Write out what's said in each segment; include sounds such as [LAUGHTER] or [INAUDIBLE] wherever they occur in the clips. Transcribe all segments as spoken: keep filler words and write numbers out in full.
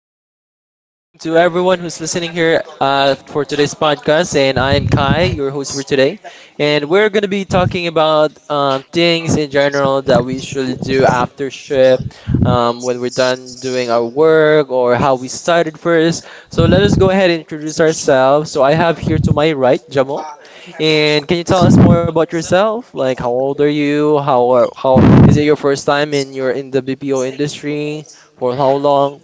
good night, good evening to everyone who's listening here uh, for today's podcast. And I'm Kai, your host for today. And we're going to be talking about um, things in general that we usually do after shift, um, when we're done doing our work, or how we started first. So let us go ahead and introduce ourselves. So I have here to my right, Jamo. And can you tell us more about yourself? Like, how old are you? How are, how is it your first time in your in the B P O industry? For how long?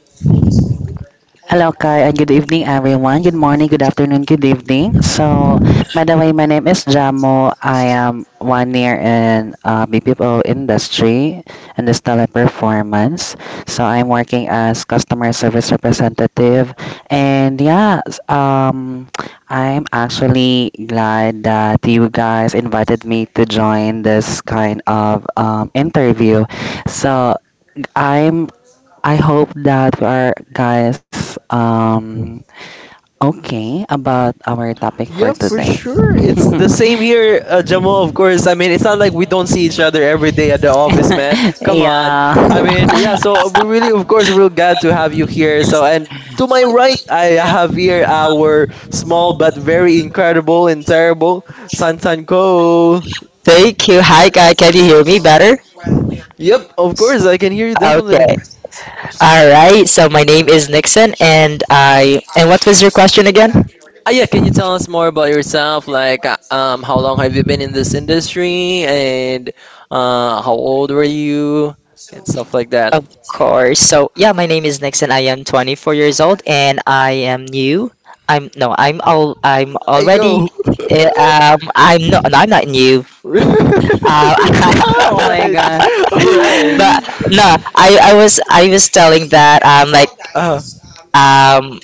Hello, Kai, and good evening, everyone. Good morning, good afternoon, good evening. So, by the way, my name is Jamo. I am one year in uh, B P O industry and the performance. So, I'm working as customer service representative, and yeah, s- um, I'm actually glad that you guys invited me to join this kind of um, interview. So, I'm I hope that you are guys um okay about our topic for Yeah, for today. sure. It's [LAUGHS] the same here, uh, Jamal, of course. I mean, it's not like we don't see each other every day at the office, man. Come on. I Yeah. mean, yeah, [LAUGHS] so uh, we really, of course, we're glad to have you here. So, and to my right, I have here our small but very incredible and terrible Santan Ko. Thank you. Hi, guy. Can you hear me better? Yep, of course, I can hear you definitely. Okay. All right. So my name is Nixon, and I and what was your question again? Uh, yeah, can you tell us more about yourself? Like, uh, um, how long have you been in this industry, and uh, how old were you, and stuff like that. Of course. So yeah, my name is Nixon. I am twenty-four years old, and I am new. I'm no, I'm all I'm Hey, already. yo. eh, [LAUGHS] Um, I'm not. No, I'm not new. Uh, All Oh my right. god. All [LAUGHS] right. but no, I I was I was telling that um like Uh, um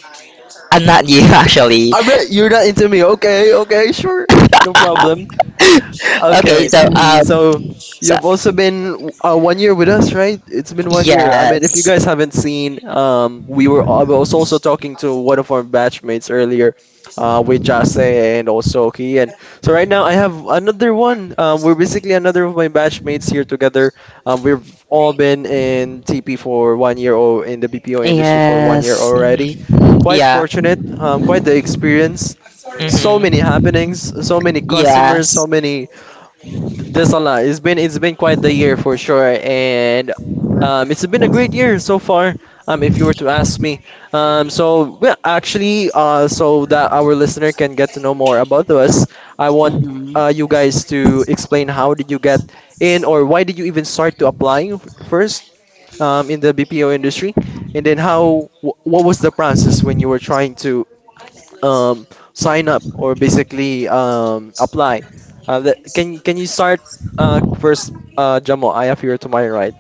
I'm not new [LAUGHS] actually. I bet you're not into me. Okay. Okay. Sure. No [LAUGHS] problem. [LAUGHS] Okay, Okay, so uh, Mhm. so so you've also been uh, one year with us, right? It's been one year. I mean, if you yes, guys haven't seen, um, we were I was also talking to one of our batchmates earlier, uh, with Jase and also Kian. So right now I have another one. Um, we're basically another of my batchmates here together. Um, we've all been in T P for one year or in the B P O industry for one year Yes. already. hmm, Quite yeah, fortunate. Um, quite the experience, so many hmm, happenings, so many customers, yes, so many. M- That's a lot. It's been it's been quite the year for sure, and um, it's been a great year so far. Um, if you were to ask me, um, so well, actually, uh, so that our listener can get to know more about us, I want uh, you guys to explain how did you get Mhm. in, or why did you even start to applying f- first um, in the B P O industry, and then how wh- what was the process when you were trying to um, sign up, or basically um, apply. Uh, that, can can you start uh, first, uh, Jamo? I appear to my right.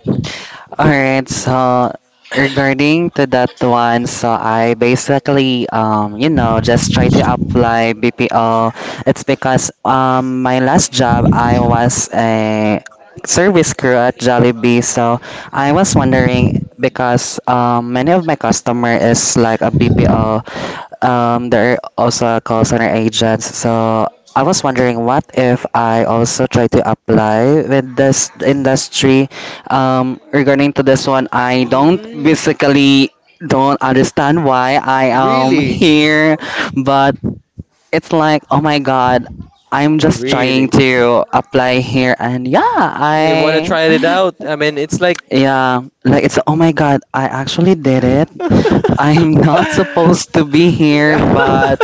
All right, so regarding to that one, so I basically um you know just try to apply B P O. It's because um my last job I was a service crew at Jollibee, so I was wondering because um many of my customer is like a B P O, um, there are also call center agents. So I was wondering, what if I also try to apply with this industry? Um, regarding to this one, I don't Mm, basically don't understand why I am really? here, but it's like, oh my God, I'm just trying Really? to apply here, and yeah, You want to I try it out? I mean, it's like. yeah, like it's oh my god, I actually did it. [LAUGHS] I am [LAUGHS] not supposed to be here, but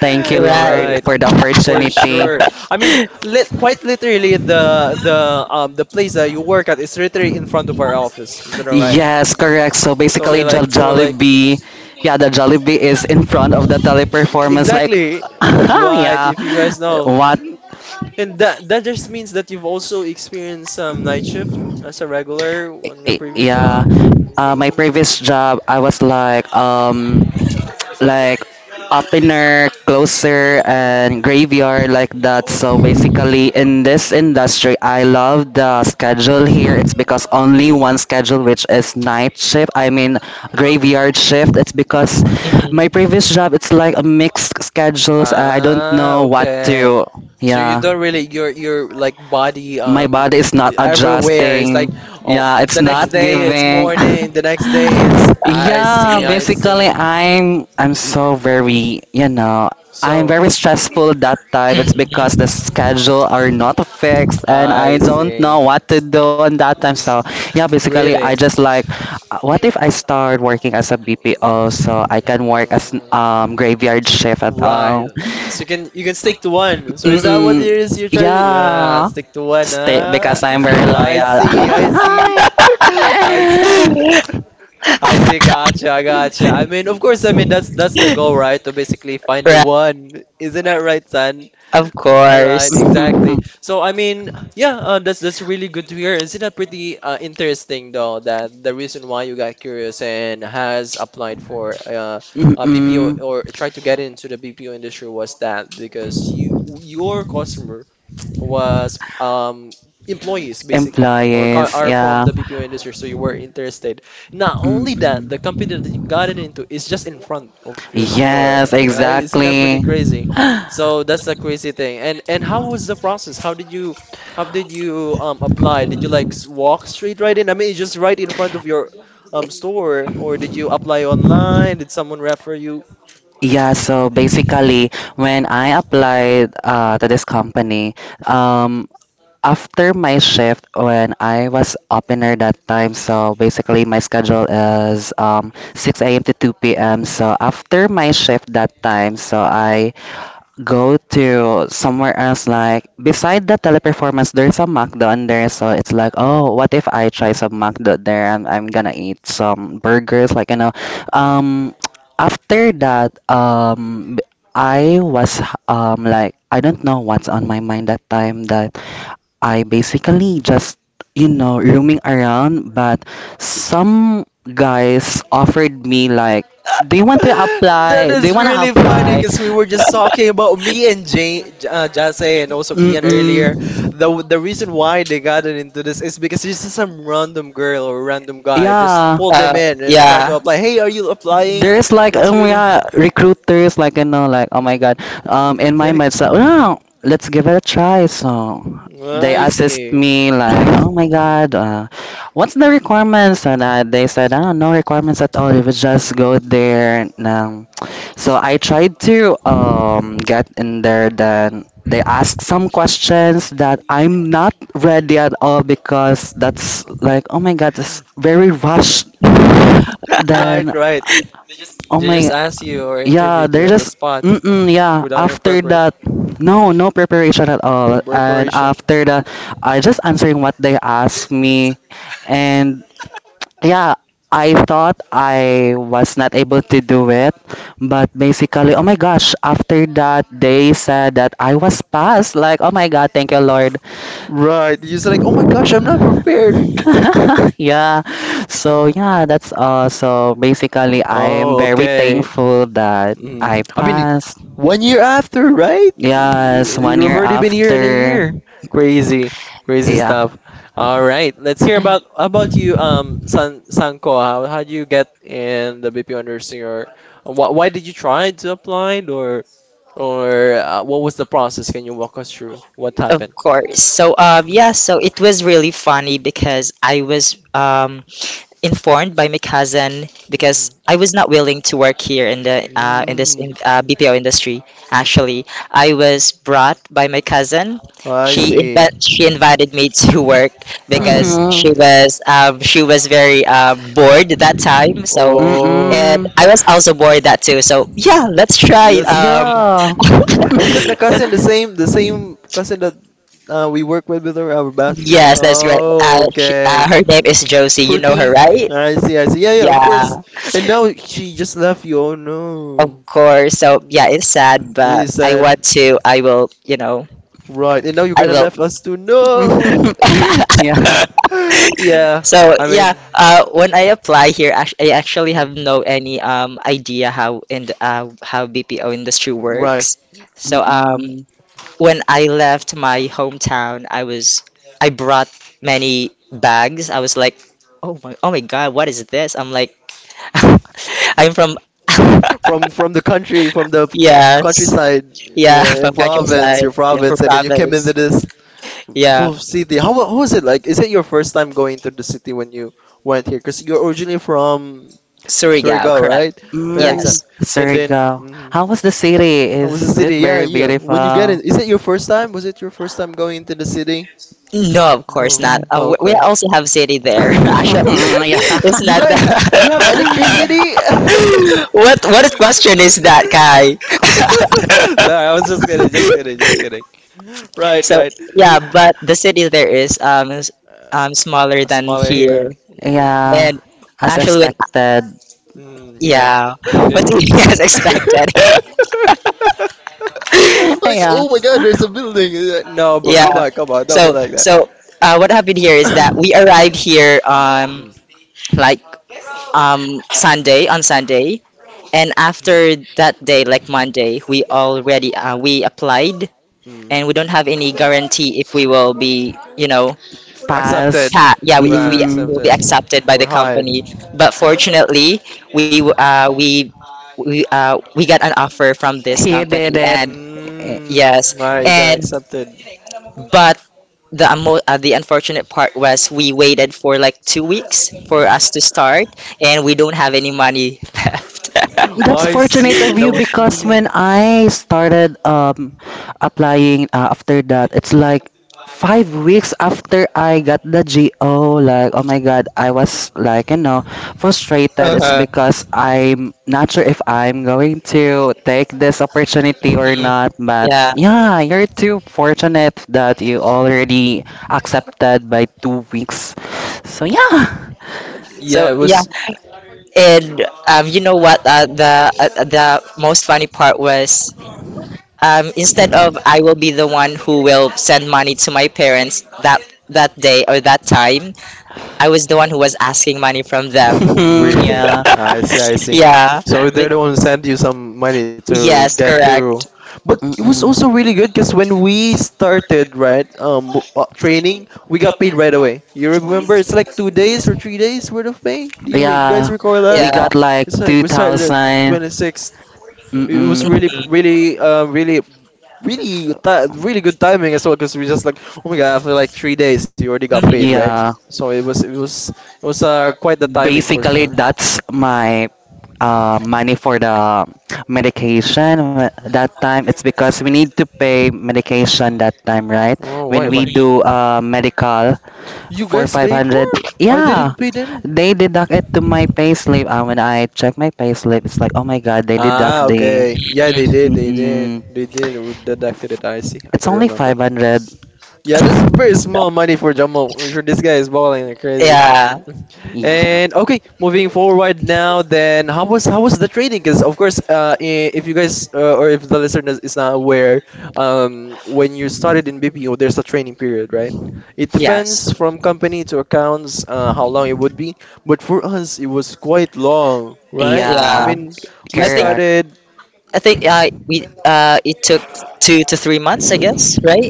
thank you, right, Lord, Right. for the For opportunity. sure. I mean, [LAUGHS] lit quite literally the the um the place that you work at is literally in front of our office. Is that alright? Yes, correct. So So basically, you're Jol- like you were like Jollibee, yeah, the Jollibee is in front of the teleperformance. Like, exactly [LAUGHS] right, yeah, if you guys know. what? And that that just means that you've also experienced some night shift as a regular I- on your I- previous Yeah, job. uh, my previous Mm. job, I was like, um, like opener, closer, Mm-hmm. Mm. and graveyard like that. So basically, in this Mm. industry, I love the schedule here. It's because only one schedule, which is night shift. I mean, graveyard shift. It's because my hmm previous job, it's like a mixed schedules. I don't Ah, know what okay. to. So you don't Yeah, really, your your like body, my um body is not everywhere. It's adjusting. like, oh, Yeah, it's the next not day it's giving. [LAUGHS] morning, the next day it's. I Yeah, see, I basically see. I'm I'm so very, you know, I'm So very stressful that time. It's because the schedule are not fixed and I I don't see. know what to do on that time. So, yeah, W- basically I Really? just like uh, what if I start working as a B P O so I can work as um Mm. graveyard shift at Right. all. So you can you can stick to one. So is that what it Mm-mm. is you're trying to. Yeah, Yeah. stick to one, Stay huh? because I'm very I loyal. [LAUGHS] see, I see. [LAUGHS] [LAUGHS] I see. [LAUGHS] [LAUGHS] I see, [LAUGHS] gotcha, I gotcha. I mean, of course, I mean that's that's the goal, right? To basically find the right, one. Isn't that right, son? of All right, course. exactly. So I mean, yeah, uh, that's that's really good to hear. Isn't that pretty uh, interesting, though, that the reason why you got curious and has applied for uh, a Mm-mm. B P O, or tried to get into the B P O industry was that because you your customer was um, employees basically, or co- Employees, are from yeah. the B P O industry, so you were interested. Not only that, the Mm-mm. company that you gotten into is just in front of your store, Yes, right? Isn't that pretty exactly. crazy? [GASPS] So that's the So crazy thing. And and how was the process? How did you how did you um, apply? Did you like s- walk straight right in? I mean, it's just right in front of your um, store. Or did you apply online? Did someone refer you? yeah, so basically, when I applied uh, to this company, um, after my shift when I was opener that time, so basically my schedule is um, six a m to two p m. So after my shift that time, so I go to somewhere else like beside the teleperformance. There's a McDo in there, so it's like oh what if I try some McDo there and I'm gonna eat some burgers, like, you know um after that, um I was um like I don't know what's on my mind that time, that I basically just, you know, roaming around, but some guys offered me like, do you want to That apply? Do you is want to really funny, apply? because we were just talking about me and Jay, J- uh, Jase and also Kian earlier. Mm-mm. The the reason why they gotten into this is because it's just some random girl or random guy just Yeah. pulled Uh, them in and tried to yeah. apply. Hey, are you applying? There's like That's um really. [LAUGHS] yeah recruiters, like, you know like oh my god, um in my mind, so oh, let's give it a try. So they I assist see. me like oh my Mhm. god, uh, what's the requirements, and uh, they said oh no requirements at all, if you just go there and, um, so I tried to um get in there, then they asked some questions that I'm not ready at all, because that's like oh my god it's very rushed. Then Right, right. oh They my, just asked you, or yeah, interviewed you, there's on the just, spot mm-mm, yeah, without any after preparation. that, [LAUGHS] no, no preparation at No all. And preparation. after that, I just answering what they asked me. And yeah, I thought I was not able to do it. But basically, oh my gosh, after that, they said that I was passed. Like, oh my God, thank you, Lord. Right. You're just like, oh my gosh, I'm not prepared. [LAUGHS] Yeah. So yeah, that's all. So basically, I'm Oh, very okay. thankful that Mm. I I mean, passed. one year after, right? Yes, one You've year already been here in a after. year. Crazy, crazy Yeah. stuff. All right, let's hear about about you, um, San Sanko. How how do you get in the B P O nursing, or why why did you try to apply, or or uh, what was the process? Can you walk us through what happened? Of course. So, um, Hmm. yeah, so it was really funny because I was um, informed by my cousin because I was not willing to work here in the uh, in Hmm. This mm. in, uh, B P O industry. Actually, I was brought by my cousin. Oh, I She see. Inv- she invited me [LAUGHS] to work Ah. because she [LAUGHS] was um, she was very uh, bored that time. So, Mm-hmm. Oh. and I Mm-mm. was also bored that too. So, yeah, let's try. Yes. Um, Yeah. [LAUGHS] Is that the cousin, the same the same cousin that [LAUGHS] [LAUGHS] uh, we work with with our, our batchmate? Yes, that's right. Uh, Oh, she, okay. uh, her name is Josie. You know her, Fruity. right? I see, I see. Yeah, yeah, of course. Yeah, And now she just left you. Oh no. of course. So yeah, Mm. it's sad, Really but I sad. want to. I will. You know, Right, and now you're I gonna will. left us to. No. Yeah. [LAUGHS] Yeah, [LAUGHS] So I yeah, mean, uh, when I apply here, act- I actually mm, have no any um idea how in the, uh, how B P O industry right. works. So um, Mm-mm. when I left my hometown, I was I brought many bags. I was like, oh my, oh my God, what is this? I'm like. [LAUGHS] I'm from [LAUGHS] From from the country, from the yes, countryside, yeah, [LAUGHS] yeah, your from province, countryside, your yeah, from province, and then you came into province, this. yeah, Full city. How wa- how was it like? Is it your first time going to the city when you went here? 'Cause you're originally from Surigao, Surigao, correct. right? Yeah, Mm. exactly. Yes. And then, Surigao. mm, How was the city? how was the Is it city? Yeah, very yeah. When you get in, beautiful? is it your first time? Was it your first time going to the city? No, of course No. not. Uh, Oh, we we okay. also have city there. [LAUGHS] [LAUGHS] Actually, [LAUGHS] [LAUGHS] Yeah. it's You not guys, ha- you have that. [LAUGHS] electricity? [LAUGHS] [LAUGHS] what what question is that, Kai? Sorry, I was just kidding, just kidding, just kidding. Right, [LAUGHS] So right. yeah, but the city there is um is, um smaller Uh, than Smaller here. here. Yeah. Yeah, And as actually, when expected. Mm, yeah. yeah, And then what he has [LAUGHS] expected. [LAUGHS] like, [LAUGHS] [LAUGHS] yeah. oh my god, there's a building. Uh, No, but come yeah. on, come on, don't be So like that. so uh, what happened here is that we [COUGHS] arrived here um like um Sunday on Sunday, and Mm, mm, after that day, like Monday, we already uh, we applied, mm. and we don't have any guarantee if we will be you know Accepted. Pass. pa- yeah, we, if we Right, Mm, will be accepted. accepted by We're the hired. company, but fortunately we uh, we we uh, we got an offer from this he company, did and it. yes, Mm, right, you got and accepted. but the amo- uh, the unfortunate part was we waited for like two weeks for us to start, and we don't have any money [LAUGHS] left [LAUGHS] Oh, That's I fortunate see. of That you, was because really. when I started um applying, uh, after that, it's like five weeks after I got the G O. Like, oh my God, I was like, you know, frustrated. It's uh-huh. because I'm not sure if I'm going to take this opportunity or Mhm. not. But Yeah. yeah, you're too fortunate that you already accepted by two weeks. So yeah, Yeah, So it yeah, was and um, you know what? Uh, the uh, the most funny part was um, instead of I will be the one who will send money to my parents that that day or that time, I was the one who was asking money from them. [LAUGHS] [LAUGHS] really. yeah. I see. I see. Yeah. So they're Be- the ones sent you some money to yes, get through. correct. But it was Mm-mm. also really good because when we started, right, um, w- uh, training, we got paid right away. You remember? It's like two days or three days worth of pay. Do you re guys Yeah, recall we Yeah. that? got like It's like we started at two thousand. twenty-sixth. It was Mm-mm. really, Mhm. really, uh, really really ti really good timing as well, because we just like, oh my god, after like three days you already got Mhm. paid, right? Yeah, So it was it was it was uh quite the timing for basically sure. that's my uh, money for the medication. Wh- That time it's because we need to pay medication that time, right? Oh, why When we why do Mhm. uh, medical you for guys paid for. five hundred. I Yeah, didn't pay any. they deduct it to my payslip. Uh, when I check my payslip, it's like, oh my God, they Ah, deduct the. okay. Yeah, they did Mhm. they did Mm-mm. they did deducted it, I see, I It's could only remember. five hundred. Yeah, that's very small money for Jamal. I'm sure this guy is balling like crazy. [LAUGHS] Yeah. Yeah. And okay, moving forward now. Then how was how was the trading? Because of course, uh, i- if you guys uh, or if the listener is not aware, um, when you started in B P O, there's a training period, right? It Yes. depends from company to accounts uh, how long it would be. But for us, it was quite long, right? I Yeah. Yeah, mean, we I think correct. started. I think uh, we uh, it took two to three months, I guess, right?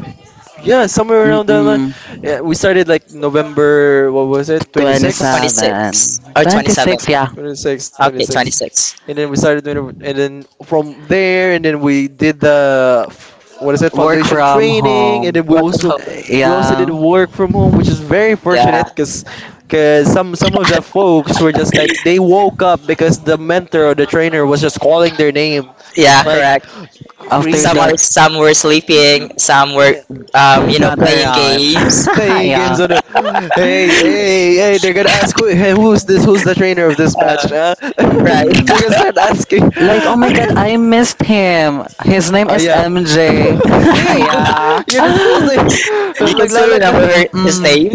Yeah, somewhere around that line. Mm-mm. Yeah, we started like November, what was it, twenty-six? twenty-seven. twenty-six or twenty-seven. twenty-six, yeah. twenty-six, Okay, twenty-six. twenty-six. And then we started doing, and then from there, and then we did the, f- what is it, Work foundation from training, and home. then we Work from also, home. we also did Yeah. work from home, which is very Yeah, fortunate, because, because some, some of the folks were just like, they woke up because the mentor or the trainer was just calling their name. yeah, Like. correct. Some. After Some Crazy. Are, that, are some some were were sleeping, sleeping, some some were. were Yeah. um, you um, know, not Playing playing around. [LAUGHS] games. games. [GASPS] [LAUGHS] Playing yeah. games on the. Hey, hey, hey! They're gonna [LAUGHS] ask, who, hey, who's this? Who's the trainer of this match? Uh, Huh? [LAUGHS] right. Mm-mm. They're gonna start [LAUGHS] asking. Like, oh my god, I [LAUGHS] missed him. His name Ah, is yeah. M J. [LAUGHS] [LAUGHS] Hey, no, yeah. you're [GASPS] disclosing. [LAUGHS] You can Lag, lag, still lag, lag. remember her, his Mm-mm. name.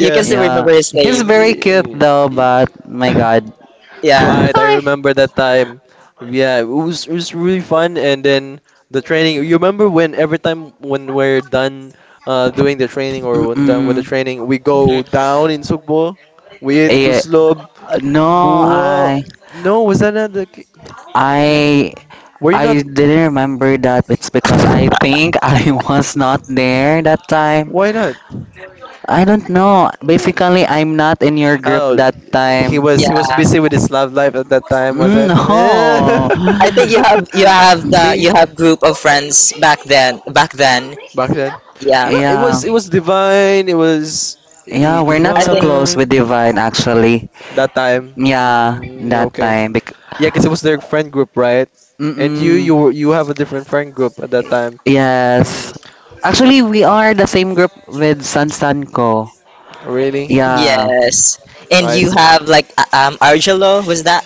You can still Yeah. remember his He's Yeah. name. very cute Yeah. though, but my Yeah. [LAUGHS] god. [LAUGHS] Yeah. Yeah. Right, I Hi. remember that time. Yeah, it was it was really fun. And then the training, you remember when every time when we're done uh doing the training, or when done with the Mm-mm. training, we go Mhm. down in Sugbo, we eat Yeah. tuslob, No, buwa. I. No, was that not the ki- I Were you not? I didn't remember that. It's because I think [LAUGHS] I was not there that time. Why not? I don't know. Basically, I'm not in your group Oh, that he time. was Yeah. he was busy with his love life at that time, was Mm, it? I think [LAUGHS] No. you have you have [LAUGHS] the Me you have group of friends back then back then. back then. Yeah. No, it Yeah. was it was divine. It was it Yeah, was we're not I so think close with divine Divine actually. that time. Yeah, Mm, that okay. time. Bec- Yeah, because it was their friend group, right? And you Mm-mm. you were- you have a different friend group at that time. Mm, Yes. Actually, we are the same group with San Sanco. really? Yeah. yes. Oh, And I you see. have like uh, um Argelo, was that?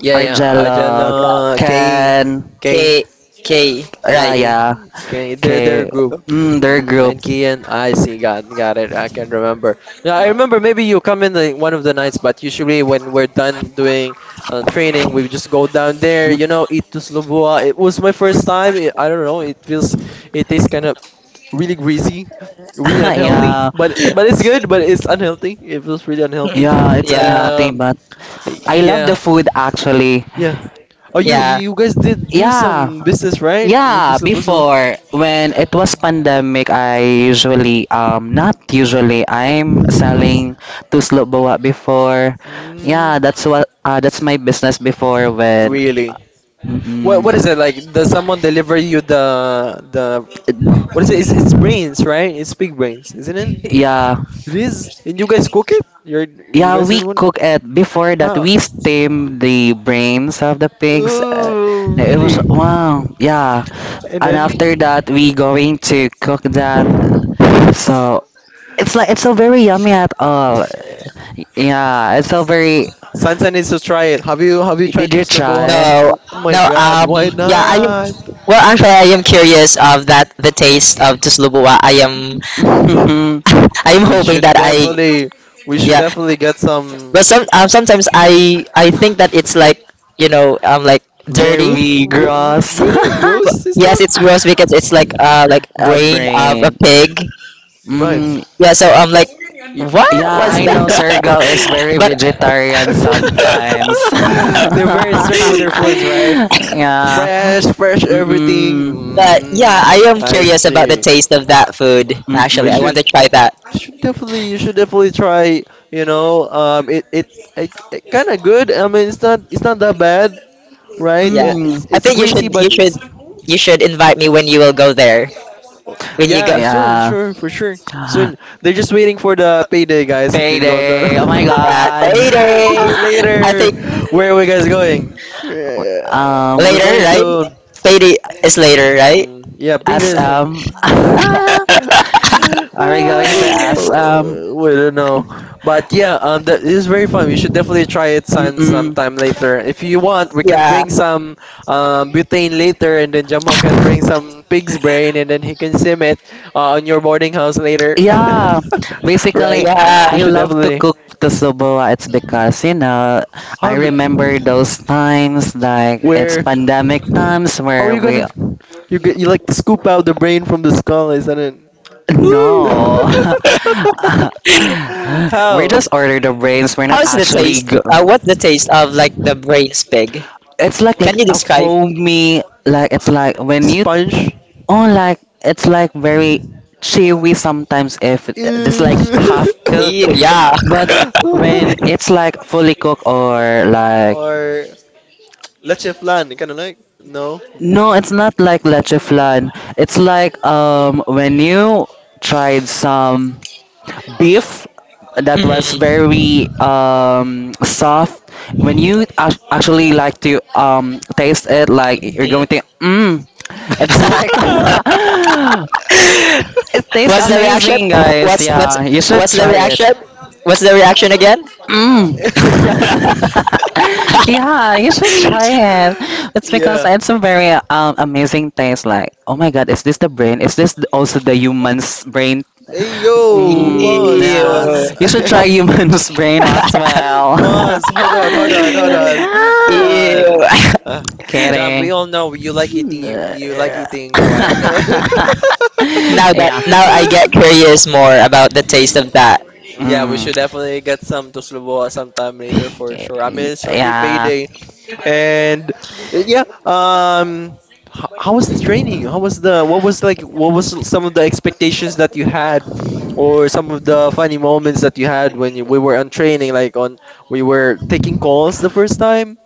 Yeah, yeah. Arjella, Yeah, Ajala, yeah. K, Ken. K, K, K, Yeah, right. K, yeah. K. They're their Okay, group. mm, their Mm, group. and Kian, I see, got got it. I can remember. Yeah, I remember. Maybe you come in the, one of the nights, but usually when we're done doing uh, training, we just go down there. Mm, You know, eat tuslobua. It was my first time. It, I don't know. It feels, it tastes kind of really greasy, really unhealthy. [LAUGHS] [LAUGHS] yeah, But but it's good. But it's unhealthy. It feels really unhealthy. yeah, it's Yeah. unhealthy, Um, but I love yeah, the food actually. yeah. Oh, you B- Yeah. you guys did do yeah, some business, right? With yeah. tuslobua. Before when it was pandemic, I usually um not usually I'm selling to bawa before. Mm, Yeah, that's what uh, that's my business before when. really? What Mm-mm. what is it like? Does someone deliver you the the what is it? It's, it's brains, right? It's pig brains, isn't it? Yeah, It is. And you guys cook it? You're you yeah, guys are we the one? cook it before that Huh? we steam the brains of the pigs. Uh, Oh, it was really? wow, yeah. And And after then that we going to cook that. So it's like it's so very yummy at all. Yeah, it's so very Sansa needs to try it. Have you have you tried did to you slow? try? No. Oh my No, God! um Why yeah, I am not? well actually I am curious of that the taste of Tuslubuwa. I am [LAUGHS] [LAUGHS] I am We hoping should that I definitely we should yeah. definitely get some. But some um, sometimes I I think that it's like, you know, um like dirty. very Re- re- gross. really gross But [LAUGHS] yes, it's systems? gross because it's like uh like A brain of a brain. pig. Right. Mm, Yeah, so I'm like, Y- Yeah, what was I know that? [LAUGHS] Sergio is very [LAUGHS] but vegetarian sometimes. [LAUGHS] [LAUGHS] They're [LAUGHS] very strict with their foods, right? yeah. Fresh, fresh everything. but Mm-mm. yeah, I Mm, am I curious about the see. taste of that food. We Actually, I want should Mm-mm. to try that. should definitely you should definitely try. You know, um, it it, it, it kind of good. I mean, it's not it's not that bad, right? Yeah, It, Mm. it's I it's think you greasy, should but you should it's you should invite me when you will go there. oh, When you go, yeah, soon, Yeah. sure, for sure. Soon. They're just waiting for the payday, guys, if you go down. Payday. Oh my [LAUGHS] uh, god. Just payday. I later. think Where are we guys going? Uh, Um We're later, going right? to Payday is later, right? mm, yeah, payday is, S M. [LAUGHS] uh, [LAUGHS] Are we [LAUGHS] [LAUGHS] going to S M? Uh, we don't know, but yeah, um, that is very fun. We should definitely try it some Mm-mm. sometime later. If you want, we can Yeah, bring some um, butane later, and then Jamo can bring some pig's brain, and then he can sim it uh, on your boarding house later. [LAUGHS] Yeah, Right? basically, We yeah. I should love to definitely. cook the subawa. It's because, you know, I How? d- remember those times, like it's Where? pandemic times How are where you we gonna? You g- you like scoop out the brain from the skull, isn't it? Woo. no, [LAUGHS] [LAUGHS] [LAUGHS] we How? just order the brains. We're not How's the actually. taste? Go- Uh, what's the taste of like the braised pig? it's like Can like you a describe? foamy, like it's like when you Sponge. oh, like it's like very chewy sometimes if it- it's like half Ew. cooked, Ew, yeah. but [LAUGHS] when it's like fully cooked or [LAUGHS] like Or let's say flan, kind of like no. no, it's not like leche [LAUGHS] flan. It's like um when you tried some beef that was very Mhm. um soft. When you ac- actually like to um taste it, like you're going Mhm. to mm, it's like [LAUGHS] [LAUGHS] it tastes What's the reaction? amazing, guys. What's what's Yeah, you should what's the try it. reaction? What's the reaction again? Mm. [LAUGHS] [LAUGHS] yeah, you should try it. It's because Yeah. it's a very um, amazing taste. Like, oh my god, is this the brain? Is this also the human's brain? Hey yo, Mm, pause, yeah, Ew. pause. you should try human's [LAUGHS] brain [LAUGHS] as well. [LAUGHS] Pause. Hold on. Hold on. Hold [LAUGHS] on. Hold Ah, on. Ew. Uh, John, we kidding. all know you like [LAUGHS] eating. You, [LAUGHS] you like eating Kwan. [LAUGHS] Now that yeah. now I get curious more about the taste of that. Yeah, we Mm. should definitely get some to Sloboa sometime later for sure. I [LAUGHS] mean, it's already Yeah. payday, and yeah. Um, h- how was the training? How was the what was like what was some of the expectations that you had, or some of the funny moments that you had when you, we were on training? Like on we were taking calls the first time.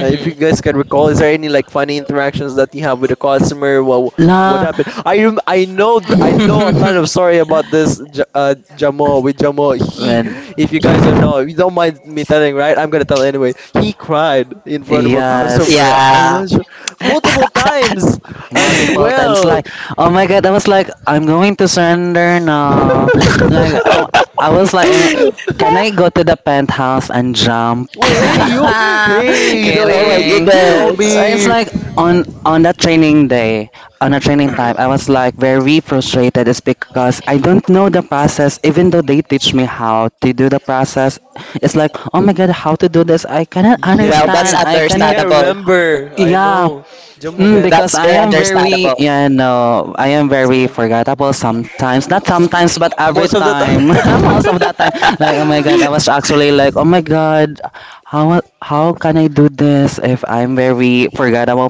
Uh, if you guys can recall, is there any like funny interactions that you have with a customer? What what La. happened? I rem- I know th- I know a ton of story about this. [LAUGHS] J- uh, Jamo with Jamo, he When. if you guys don't know, if you don't mind me telling, right? I'm gonna tell anyway. He cried in front of a Yes. customer. I'm Yeah. not sure [LAUGHS] multiple times as Multiple times, like well. oh my god I was like I'm going to surrender now, like [LAUGHS] oh, I was like am- can I go to the penthouse and jump? [LAUGHS] Wait, hey, you, hey, the Oh my way, Kidding. goodness. It's Gobi. like on on that training day, on a training time I was like very frustrated. It's because I don't know the process, even though they teach me how to do the process. It's like oh my god how to do this, I cannot Yeah, Well, he that's can. understand, I He cannot can not understandable. remember. I yeah. know. Jumbo Mm, can. because That's I very am very, understandable. you know, I am very forgettable sometimes. Not sometimes, but every Most of the time. time. [LAUGHS] Most of that time, like, oh [LAUGHS] my god, [LAUGHS] I was actually like, oh my god, how how can I do this if I'm very forgettable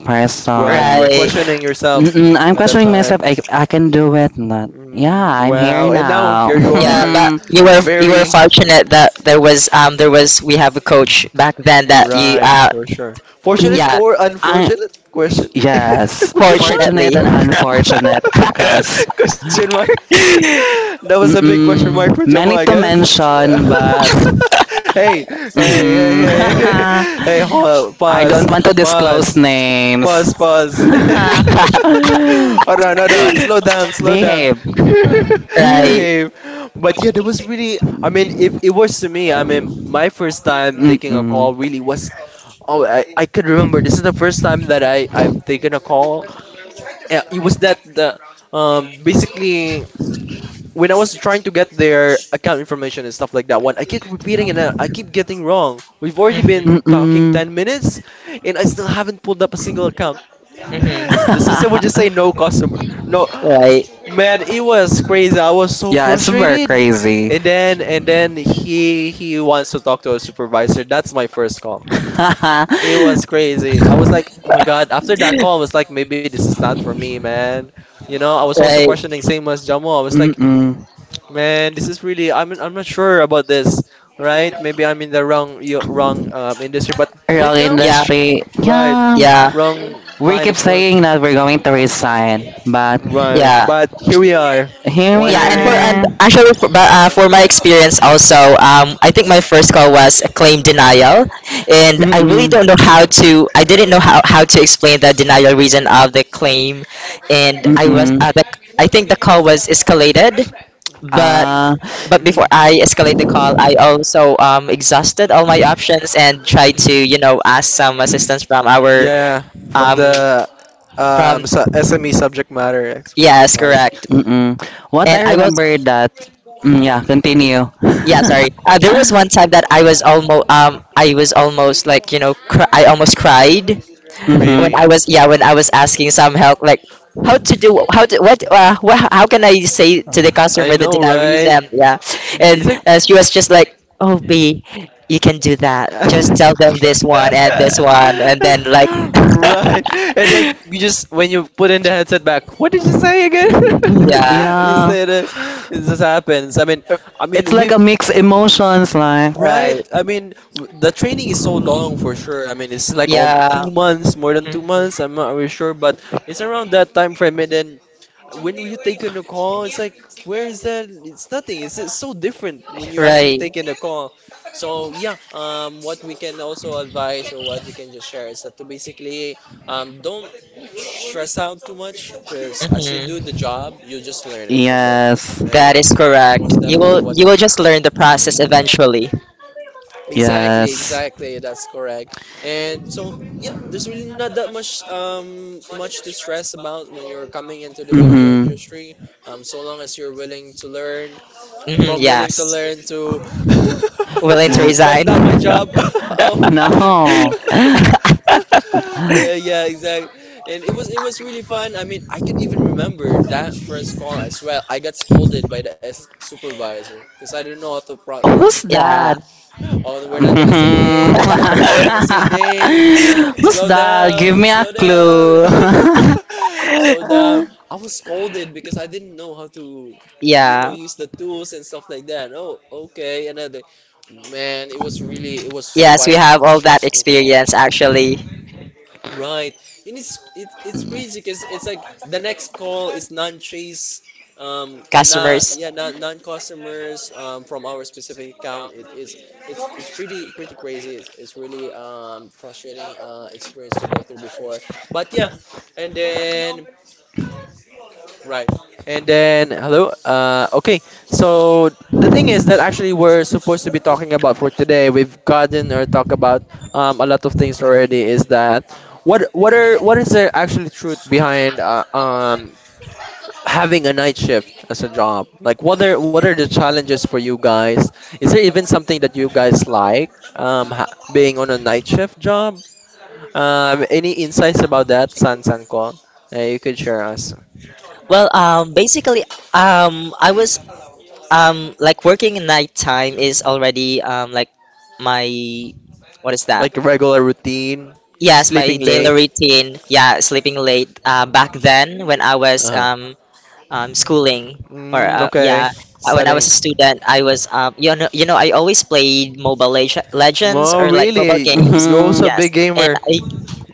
Right, you were person? Right. questioning yourself Mm-mm, I'm at that questioning time. myself. I, I can do it. Not. Yeah, Mm, I'm here wow, and now now. here you Yeah, are. but [LAUGHS] you were you were Very fortunate that there was um there was we have a coach back then that you right, uh for sure. N- Fortunate yeah or I unfortunate? Question. yes, [LAUGHS] Question mark? fortunately fortunate and unfortunate, because [LAUGHS] Question mark? [LAUGHS] [LAUGHS] That was a big question mark for Mm-mm. Jamal, I Many to guess. [LAUGHS] mention, but [LAUGHS] Hey, hey, hey, mhm. hey, [LAUGHS] hey, hold up. [LAUGHS] I don't Pause, want to disclose pause, pause, names. pause. [LAUGHS] [LAUGHS] Hold on, hold on. Like, Slow down, slow down. behave. [LAUGHS] right, Behave. But yeah, that was really, I mean, if it was to me, I mean, my first time taking a call Mm-mm. really was oh, I, I could remember. This is the first time that I, I've taken a call. Yeah, it was that the um basically when I was trying to get their account information and stuff like that one, I keep repeating and I, I keep getting wrong. We've already Mhm. been talking Mm-mm. ten minutes and I still haven't pulled up a single account. Mhm. The system would just say no [LAUGHS] customer. No. [GASPS] right, Man, it was crazy. I was so yeah, it's very frustrated. crazy. And then and then he he wants to talk to a supervisor. That's my first call. [LAUGHS] It was crazy. I was like, oh my god. After that call, I was like, [LAUGHS] maybe this is not for me, man. You know, I was also right. questioning same as Jamo. I was like, Mm-mm. man, this is really. I'm I'm not sure about this, right? Maybe I'm in the wrong yo- wrong um, industry, but Real right now, Yeah, industry. right, Yeah. yeah, wrong We line keep of work, saying that we're going to resign, but right. yeah. But here we are, here we one Yeah, year and for later. and are. actually for, but, uh, for my experience also, um, I think my first call was a claim denial, and I really Mm-mm. don't know how to. I didn't know how, how to explain the denial reason of the claim, and I was Mm-mm. uh, the, I think the call was escalated, but Ah, but before Mhm. I escalate the call, I also um, exhausted all my options and tried to Mm. you know ask some assistance from our Yeah, from um, the um from su- S M E subject matter. ex- yes, Nice. correct, mm-mm. What and I I was remember that, mm, yeah, continue. yeah, [LAUGHS] sorry, uh, there was one time that i was almost um I was almost like, you know, cr- I almost cried when Really? I mm-hmm. was yeah, when I was asking some help like how to do how to what uh what, how can I say to the I customer the know, right? denarism, yeah. It's And like uh, she was just like, oh, b you can do [LAUGHS] that, just tell them this right. one and this one and then like And then you just [LAUGHS] when you put in the headset back, what did you say again? [LAUGHS] yeah, You Yeah, said it. It just happens. I mean, I it's mean like we've a mixed emotions, like, right? right, I mean, w- the training is so long for sure. I mean, it's like um, yeah. two months, more than two Mhm. months. I'm not really sure, but it's around that time frame. And then when you take in a call, it's like, where is that? It's nothing. It's, it's so different when you actually Right. take in a call. So yeah, um, what we can also advise or what we can just share is that to basically um, don't stress out too much because as you do the Mhm. job, you just learn it from there. yes, Right? That is correct. Most You definitely will what. you will just learn the process eventually. Exactly, yes. exactly. That's correct. And so, yeah, there's really not that much um much to stress about when you're coming into the B P O Mm-hmm. industry. Um, so long as you're willing to learn, Hmm, from willing to yes. learn to Willing to [LAUGHS] that's resign. not my job. [LAUGHS] [LAUGHS] um, No. [LAUGHS] yeah, yeah, exactly. And it was it was really fun. I mean, I could even remember that first call as well. I got scolded by the S supervisor because I didn't know how to pro Who's Yeah. that? [LAUGHS] [LAUGHS] oh, no, we're not gonna say names now. We're not Mhm. gonna say names. Who's Slow that? Give down, me a slow down. clue. [LAUGHS] [LAUGHS] Slow down. I was scolded because I didn't know how to, you know, Yeah. use the tools and stuff like that. Oh, okay. Another man, it was really, it was Yes, we quite have all that stressful. experience actually. Right. And it's it, it's crazy because it's like the next call is non-chase um uh, na Customers. yeah na, non-customers um from our specific account it is it's it's pretty pretty crazy it's, it's really um frustrating uh experience to go through before but yeah and then right. And then hello. Uh okay. So the thing is that actually we're supposed to be talking about for today. We've gotten or talk about um a lot of things already is that what what are what is the actually truth behind uh, um having a night shift as a job? Like what are what are the challenges for you guys? Is there even something that you guys like um ha- being on a night shift job? Um any insights about that, San Sanko? Uh, you could share us. Well, um, basically, um, I was um, like working in night time is already um, like my what is that? Like regular routine, Yes, my sleeping daily late. routine. Yeah, sleeping late. Uh, back then, when I was Uh-huh. um, um, schooling or Mm, uh, okay. yeah uh, when I Studying. was a student I Mhm. was um, you know you know I always played mobile Leg- legends Oh, or like mobile really? games, You're also Mhm. a big yes, and gamer. I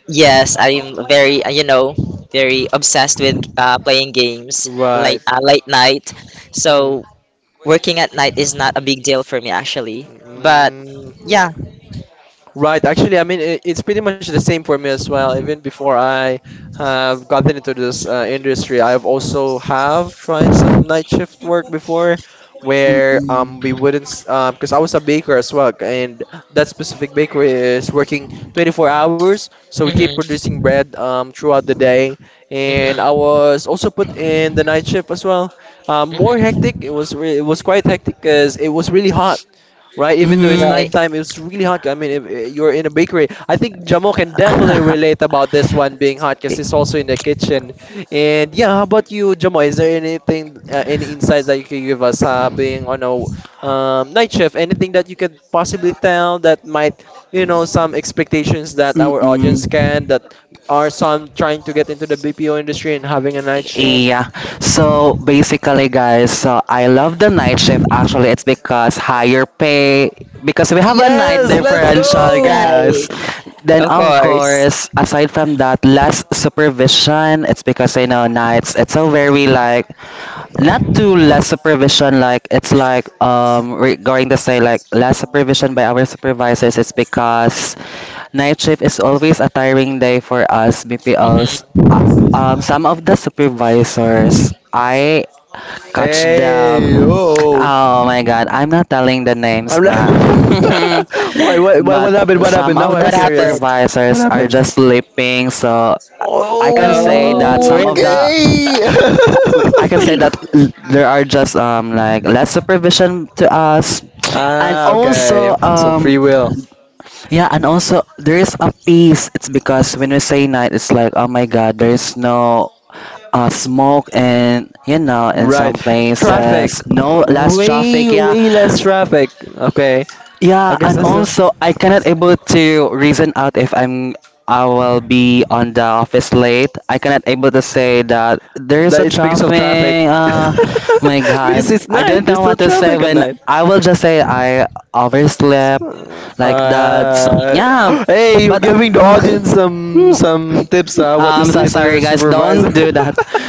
yes I'm very uh, you know very obsessed with uh, playing games late Right. uh, late night, Mm. so working at night is not a big deal for me actually, Mm, but mm. yeah, Right. Actually, I mean, I it's pretty much the same for me as well. Even before I have gotten into this uh, industry, I've also have tried some night shift work before, where Mm-mm. um we wouldn't because I was a baker as well, and that specific bakery is working twenty-four hours, so we keep mm-hmm, producing bread um throughout the day, and I mm-hmm, was also put in the night shift as well. Um, more hmm, hectic. It was re- it was quite hectic because it was really hot, right? Even though it's Mhm. right, nighttime, it's really hot. I mean, if uh, you're in a bakery, I think Jamo can definitely relate about [LAUGHS] this one being hot because it's also in the kitchen. And yeah, how about you, Jamo? Is there anything, uh, any insights that you could give us uh, being on a um, night shift? Anything that you could possibly tell that might, you know, some expectations that Eh, our Mm-mm. audience can, that are some trying to get into the B P O industry and having a night shift? Yeah. So basically, guys, so I love the night shift. Actually, it's because higher pay, because we have a night Yes, let's differential, go! guys. right, Then of of course, course, aside from that, less supervision. It's because you know nights. It's so very like not too less supervision. Like it's like um we're going to say like less supervision by our supervisors. It's because night shift is always a tiring day for us B P Ls. hmm, Um, some of the supervisors, I catch Hey, them. oh. Oh my god, I'm not telling the names, I'm like, but [LAUGHS] [LAUGHS] [LAUGHS] why, what, why, but what happened? What some happened? Now of the I'm what curious. happened. What supervisors are happened? just sleeping. So I Okay. can say Oh, that some of really? the [LAUGHS] I can say that l- there are just um like less supervision to us, and Ah, [LAUGHS] okay. also So um free will. yeah, and also there is a peace. It's because when we say night, it's like, oh my God, there's no uh, smoke and you know in Right. some Traffic. places no less traffic, Way, yeah, way less traffic. Okay. I yeah, guess and that's a, also I cannot able to reason out if I'm I will be on the office late. I cannot able to say that there is a that it's because of traffic. traffic. [LAUGHS] Uh, oh my Because God, it's I don't night. There's know still what to say, traffic at when night. I will just say I overslept like that. So, Uh, yeah, [GASPS] hey, you're but giving the audience some mm, some tips, uh, what to I'm say so to their sorry, guys. supervisor. Don't do that. [LAUGHS]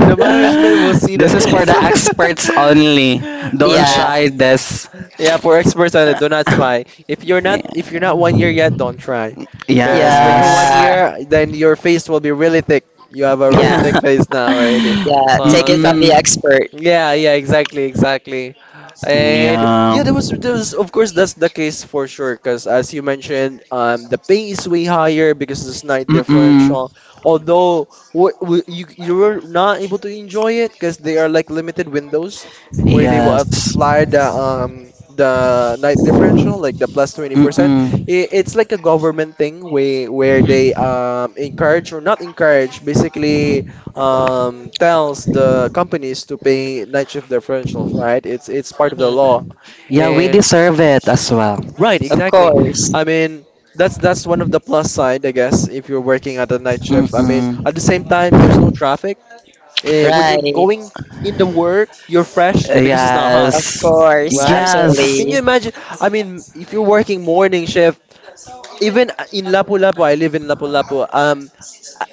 The management will see This is for this. the experts only. [LAUGHS] Don't Right. Yeah, try this. Yeah, for experts on it, do not [LAUGHS] try. If you're not if you're not one year Yeah. yet, don't try. Because when you're one Yes. yeah, year, then your face will be really thick. You have a [LAUGHS] really yeah, thick Mm-mm. face now already. yeah. Take So it from yeah. the expert. Yeah, yeah, exactly, exactly. And Yeah. yeah, there was there was of course that's the case for sure because as you mentioned, um, the pay is way higher because of this night Mm-mm. differential. Although what w- you you were not able to enjoy it because they are like limited windows where they will Yes. apply the um the night differential like the twenty percent. Mm-mm. It, it's like a government thing where where they um encourage or not encourage basically um, tells the companies to pay night shift differentials, right? It's it's part of the Mhm. law, Yeah, we and deserve it as well. right, Of exactly. course. I mean, that's that's one of the plus side, I guess, if you're working at a night shift. I mean, Mm-mm. at the same time, there's no traffic. Uh, when you're Right. going in the work, you're fresh because it's not hot, Yes. Of course. right? Yes. Can you Absolutely. imagine? I mean, if you're working morning shift, even in Lapu-Lapu, I live in Lapu-Lapu. Um,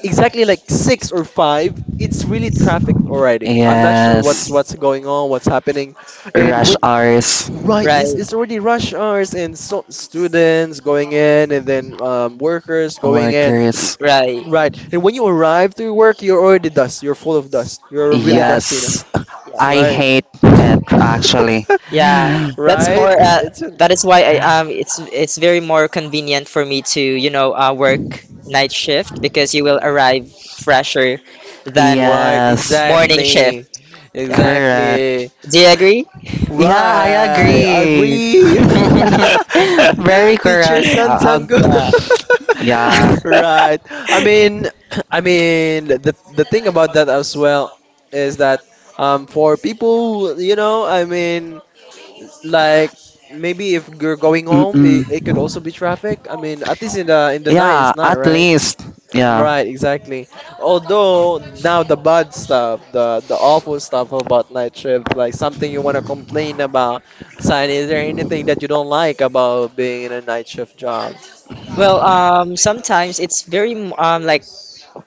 exactly like six or five, it's really traffic already. I'm not sure what's what's Yes. going on, what's happening, and Rush when hours. right, it's, Right, it's already rush hours and so students going in and then um, workers going in. Workers. right. Right, and when you arrive to work, you're already dust. You're full of dust. You're really Yeah, dusty now. Yes. I yeah. Right. hate it actually. Yeah, [SIGHS] [LAUGHS] that's right. more. It- Uh, It's that is why I um, it's it's very more convenient for me to you know uh, a, work night shift because you will Mm. arrive fresher than Right, Yes. morning shift. exactly. Yeah, Correct. Exactly. do you agree? Yeah, I Right, agree. agree. [LAUGHS] [LAUGHS] Very [LAUGHS] Teacher correct. San Uh, uh, Sango. [LAUGHS] Yeah. yeah. [LAUGHS] Right. I mean, [CLEARS THROAT] I mean the the thing about that as well is that um for people, you know, I mean like maybe if you're going home, Mm-mm. it, it could also be traffic. I mean, at least in the in the night Yeah, it's not, at right? least. Yeah. Right, exactly. Although now the bad stuff, the the awful stuff about night shift, like something you want to complain about. Sign, is there anything that you don't like about being in a night shift job? Well, um, sometimes it's very um like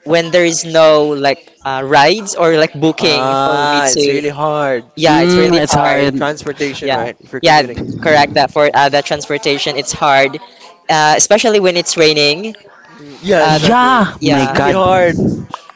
when there is no like uh, rides or like booking for me Ah, it's to. really hard. Yeah, it's Mm, really it's hard. hard. Transportation, Yeah, right? If you're yeah, th- commuting. correct. That for Mm, uh, the transportation, it's hard, uh, especially when it's raining. Mm, Yeah, Uh, exactly. Yeah, my It's yeah, really God. hard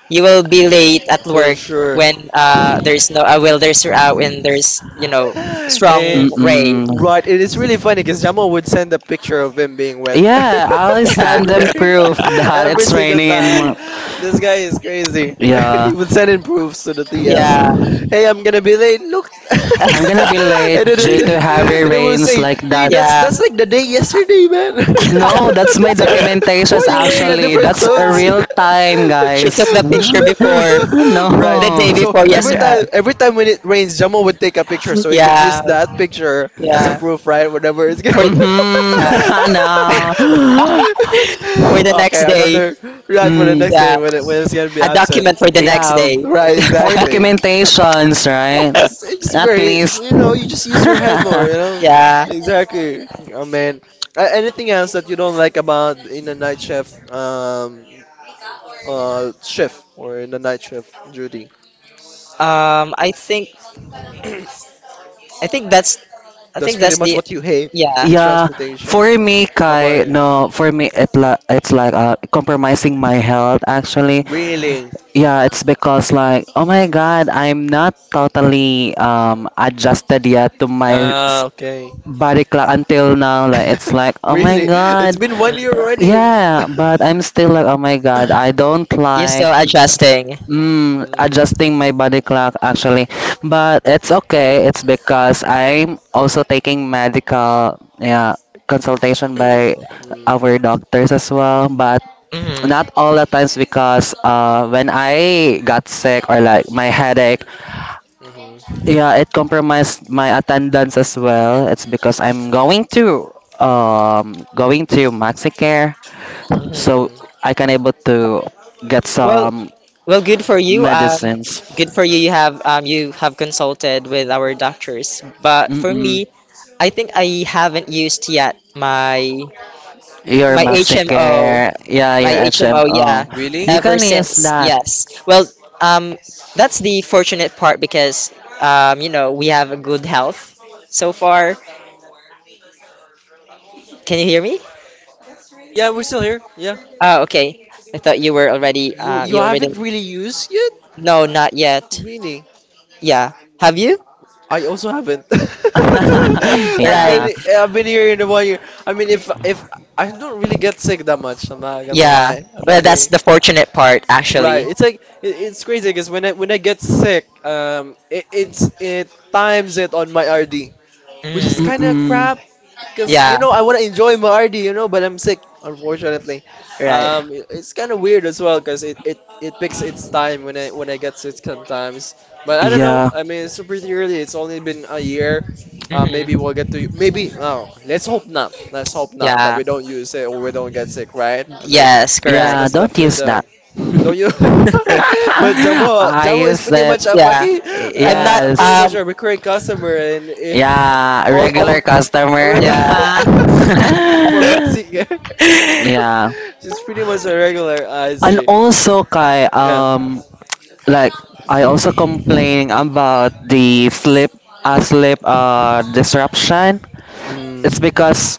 you will be late at for work sure. when uh, there's no uh, well, there's uh, when there's you know [LAUGHS] strong and rain. Mm-mm. right, it is really funny because Jamal would send a picture of him being wet [LAUGHS] Yeah, I'll in the stand and [LAUGHS] rain prove [LAUGHS] [LAUGHS] that every it's single raining in. time. Mo- This guy is crazy. [LAUGHS] yeah, he would send in proofs to the T Ls. Yeah, Hey, I'm gonna be late. Look, [LAUGHS] I'm gonna yeah, be [LAUGHS] late and then due it, to heavy and it would rains say, like that. Hey, that's yeah. that's like the day yesterday, man. No, that's [LAUGHS] my that's your. [LAUGHS] Why documentations are you wearing a actually. different That's a clothes? [LAUGHS] real [LAUGHS] time, She took guys. the picture No. before [LAUGHS] Right. the day No. So before every yesterday. Uh, time every time when it rains, Jamo would take a picture so he could yeah, use that picture as a yeah. yeah. proof, right? Whenever it's gonna For [LAUGHS] the, yeah. Mm-hmm. [LAUGHS] No. [LAUGHS] For the next Okay, day. another right for the next Mm, day Yeah, when it when it's gonna be a absent. document for the next yeah, day. Right, for [LAUGHS] exactly. [LAUGHS] That's documentations, right? it's just it's just At very least. you know, you just use your head more, you know? [LAUGHS] Yeah. Exactly. Oh man. A- Anything else that you don't like about in a night shift? Um, uh shift or in the night shift duty. Um, I think I think that's I That's think pretty that's much the what you hate, yeah. the Yeah, transportation. for me, How about Kai, you? no, for me, it li- it's like uh, compromising my health actually. Really? Yeah, it's because like, oh my God, I'm not totally um adjusted yet to my s- Ah, okay. body clock until now. Like, it's [LAUGHS] like, oh my Really? It's God, been one year Uh, Mm. already and [COUGHS] yeah, but I'm still like, oh my God, I don't You're still like. adjusting. Mm, Mm, adjusting my body [LAUGHS] clock actually, but it's okay. It's because I'm also taking medical, yeah, consultation by mm, our doctors as well, but not Hmm. all the times, because uh when I got sick or like my headache, mhm, yeah, it compromised my attendance as well. It's because I'm going to um going to Maxicare, so Hmm. mhm, I can able to get Well, some well, good for you. mhm. Um, medicines. good for you. You have um, you have consulted with our doctors. But for Mm-mm. me, I think I haven't used yet my Your my H M O. MaxiCare, yeah, your my H M O, yeah, H M O. Really? You ever can use since, that. yes. Well, um, that's the fortunate part because, um, you know, we have a good health so far. Can you hear me? Yeah, we're still here. Yeah. Oh, okay. I thought you were already, You uh, you you already, haven't really used yet? no, not yet. Really? Yeah. Have you? I also haven't. [LAUGHS] [LAUGHS] I've been [LAUGHS] Right. I've been here in one year. I mean, if if I don't really get sick that much, I'm not gonna Yeah. lie. I Well, don't that's really. the fortunate part, Right. actually. It's like it, it's crazy because when I when I get sick, um, it, it's it times it on my R D, which is Mm. kind of crap. Because, you Yeah. know, I want to enjoy my R D, you know, but I'm sick, unfortunately. Right. Um, i- it's kind of weird as well because it, it, it picks its time when I when I get sick sometimes. But I don't know. Yeah. I mean, it's super early. It's only Mm-mm. been a Yeah. year. Uh, maybe Hmm. we'll get to maybe no. Let's hope not. Let's hope not that Yeah. we don't use it or we don't get sick, right? I mean, Yes, that's Yeah, that's correct. don't definitely use that. the don't you. [LAUGHS] [LAUGHS] [LAUGHS] but Jamo I Jamo is use pretty much it. a Yeah, fucking I'm not. uh pretty Yes. much Um, a recurring customer and eh, Yeah, all regular all oh customer. my God. [LAUGHS] yeah. [LAUGHS] [LAUGHS] [LAUGHS] for Mexican. Yeah. [LAUGHS] She's pretty much a regular. I And see. also Kai, Yeah. um like I also complain about the sleep uh sleep uh disruption. It's Mm. because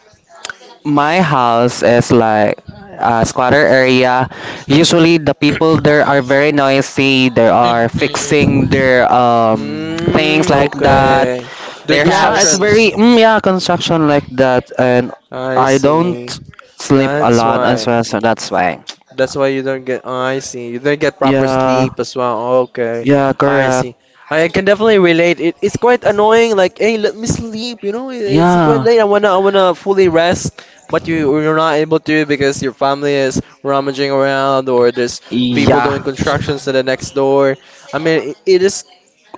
my house is like a squatter area. Usually the people there are very noisy. They are fixing Mhm. their um things Mm, like that. okay. Doing Their Yeah, it's house. constructions. very mm, yeah, construction like that, and I I don't see. sleep a That's lot as why. well, so that's why. That's why you don't get. Oh, I see. You don't get proper Yeah, sleep as well. Okay, yeah, I correct. see. I can definitely relate. It, it's quite annoying. Like, hey, let me sleep. You know, it's quite Yeah, late. I wanna, I wanna fully rest, but you, you're not able to because your family is rummaging around or there's people doing yeah. constructions to Mhm. the next door. I mean, it, it is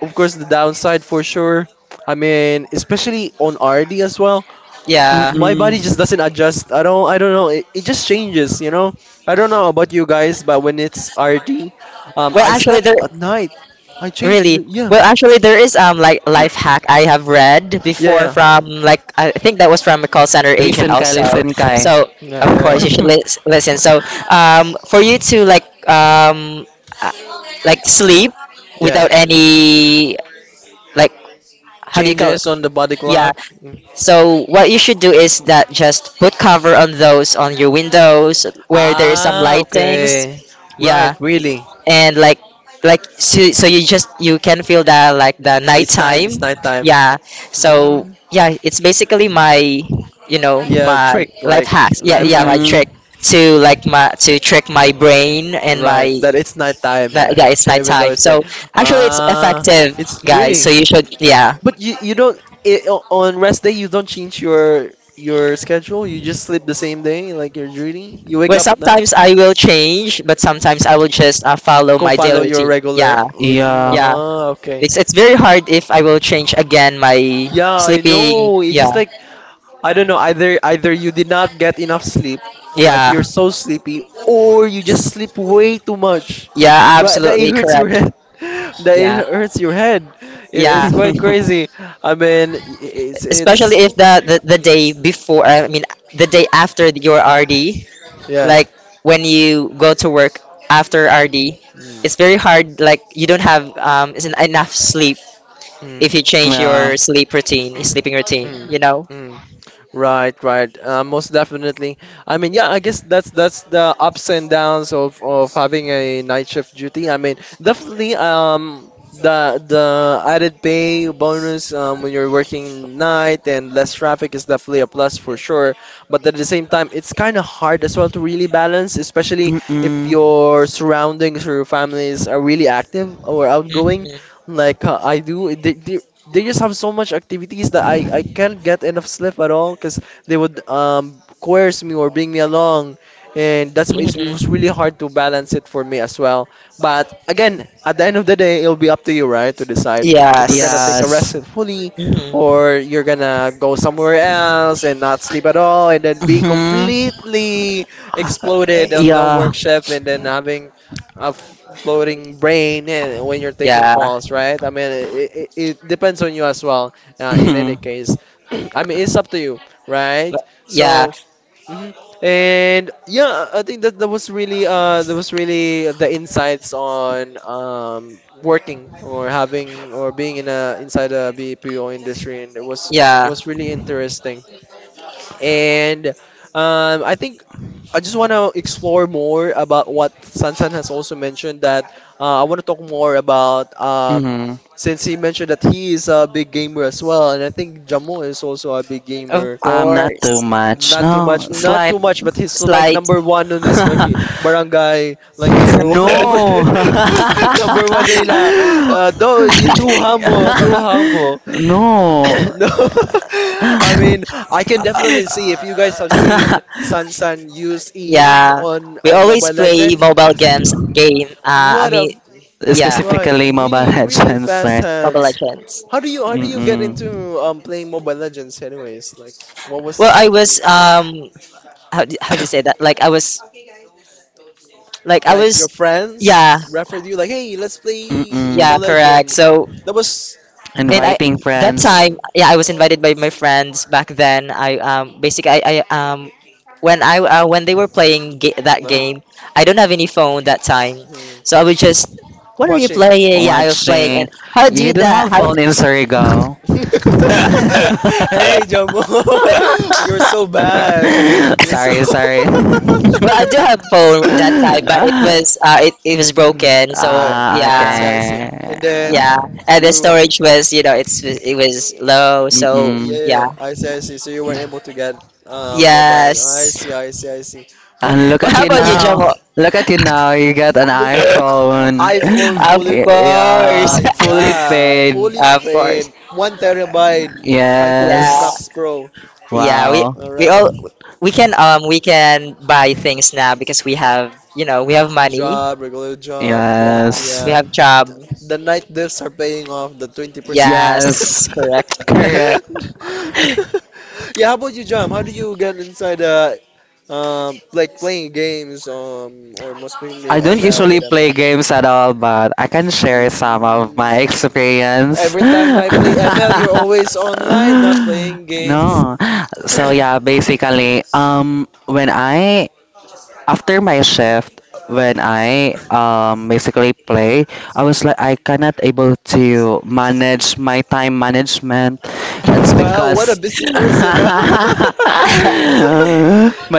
of course the downside for sure. I mean, especially on R D as well. Yeah. My Mm-mm. body just doesn't adjust. I don't I don't know. It, it just changes, you know. I don't know about you guys, but when it's R D, Well, um I actually, slept there at night. I changed really. n- yeah. Well, actually, there is um like life hack I [COUGHS] have read Yeah, before yeah. from like I think that was from a call center agent Listen, Kai. also. Listen, Kai. So Yeah, of course you yeah. should lis- listen. So um for you to like um uh, like sleep Yeah. without any like how do you call it? Changes on the body Yeah, clock. Mm. so what you should do is that just put cover on those on your windows where there is [LAUGHS] some Ah, lightings. okay. Right, Yeah, really. and like like so, so you just you can feel that like the It's night, it's nighttime. night time. Yeah. So yeah, it's basically my you know Yeah, my trick, life like hacks. Yeah, life yeah, my hacks. Mm-mm. trick to like my to trick my brain and Right, my that it's nighttime, uh, yeah it's even though nighttime. it's day. So actually it's Ah, effective, it's guys. So really. you should yeah. But you you don't I o on rest day you don't change your your schedule. You just sleep the same day, like your duty. You wake Where up at night. sometimes I will change, but sometimes I will just uh, follow Go my follow daily your routine. Yeah, regular routine. Yeah. yeah. Ah, okay. It's it's very hard if I will change again my Yeah, I sleeping. know. It's just Yeah, like I don't know, either either you did not get enough sleep, like yeah, you're so sleepy, or you just sleep way too much. yeah. Right, that it Absolutely hurts your correct. head. [LAUGHS] That it Yeah, hurts your head. It, [LAUGHS] yeah. it's quite Yeah, crazy. I mean, it's it's Especially if the the, the day before, I mean, the day after your R D, yeah. like when you go to work after R D, Mm. it's very hard. Like you don't have um isn't enough sleep if you change your sleep routine, sleeping Mm. routine. Mm. You know. Mm. Right, right. Uh, most definitely. I mean, yeah, I guess that's that's the ups and downs of of having a night shift duty. I mean, definitely um the the added pay bonus um when you're working yeah. night and less traffic is definitely a plus for sure. But at the same time, it's kind of hard as well to really balance, especially if Mm-mm. your surroundings or your families are really active or outgoing, Mhm. like uh, I do. They, they, they just have so much activities that I, I can't get enough sleep at all because they would um coerce me or bring me along and that's why it's- it was really hard to balance it for me as well, but again at the end of the day it'll be up to you right to decide if you're gonna take a Yes. Yes. rest fully or you're gonna go somewhere else and not sleep at all and then be Mm-hmm. completely exploded on no Yeah. work shift and then [LAUGHS] having a f- floating brain eh, when you're taking Yeah. calls, right? I mean, it, it, it depends on you as well. Uh, in any Mhm. case, [CLEARS THROAT] I mean, it's up to you, right? But- Yeah. So, mhm. And yeah, I think that that was really uh that was really the insights on um working or having or being in a inside a B P O industry, and it was it Yeah. was really interesting. And um, I think I just want to explore more about what Sansan has also mentioned that uh, I want to talk more about um, Mhm. since he mentioned that he is a big gamer as well, and I think Jamo is also a big gamer. Of I'm not too course. much. Not too No, much, not slight. too much, but he's like Slight. number one on his fucking [LAUGHS] barangay, like [LAUGHS] number one [LAUGHS] on No. [LAUGHS] number one Layla. Uh, though you too humble, too humble. [LAUGHS] [LAUGHS] No. No, [LAUGHS] I mean, I can definitely see if you guys have seen Sun [LAUGHS] Sun use Eve yeah. on We on always Mobile play Legend. mobile games game. Uh I What a mean yeah, right, Specifically, Mobile really, really Legends, fast right? Mobile hands. Legends. How do you how do you get Mm-mm. into um playing Mobile Legends anyways? Like, what Well I was your was introduction? um how do, how do you say that? [COUGHS] Like I was like I Like your was friends yeah, referred you like, hey, let's play yeah, Mobile Mm-mm. correct. Legend. So That was. that and wa- I Inviting that friends, time, yeah, I was invited by my friends back then. I um basically I, I um when I uh, when they were playing ga- that no. game, I don't have any phone that time, Hmm. so I would just, what are you Watching. playing? Yeah, I was [LAUGHS] playing hey, watching. and how do You you didn't that have how d- phone in Surigao. [LAUGHS] Jomo, [LAUGHS] you're so bad. [LAUGHS] You're so. Sorry, sorry. [LAUGHS] [LAUGHS] Well, I do have phone that time, but it was uh it, it was broken, so right. Ah, I see. yeah, I see. okay. And then yeah. And the you. storage was, you know, it's, it was low, Yeah, so Mm-mm. yeah. yeah, yeah. I see. I see. So you weren't able to get um mobile. I yes. see. I see. I see. But And look Well, at how you about you, now. Jamo? Look at you now. You got an Look at it. [LAUGHS] iPhone. i- iPhone Of fully. Y- course. Yeah, My fully God, paid. [LAUGHS] fully Of course. paid. One terabyte. iPhone and Yeah, Max Yes. Pro. yeah. We Wow. All we right. all we can um we can buy things now because we have, you know, we have money. Job, regular job. Mhm, Yeah, Yes. we Yeah. have The, job. the night diffs are paying off the twenty percent. Yes. Yes, [LAUGHS] correct. Correct. [LAUGHS] Yeah, how about you, Jam? How do you get inside uh um like playing games um or most mainly I don't M L usually with M L? play games at all, but I can share some of my Mm. experience. [LAUGHS] Every time I play M L, you're always online, not playing games. [CLEARS THROAT] No. So yeah, basically, um, when I after my shift, when I um basically play, I was like I cannot able to manage my time management. [COUGHS] It's wow, what a because busy [LAUGHS] person. Huh? but [LAUGHS]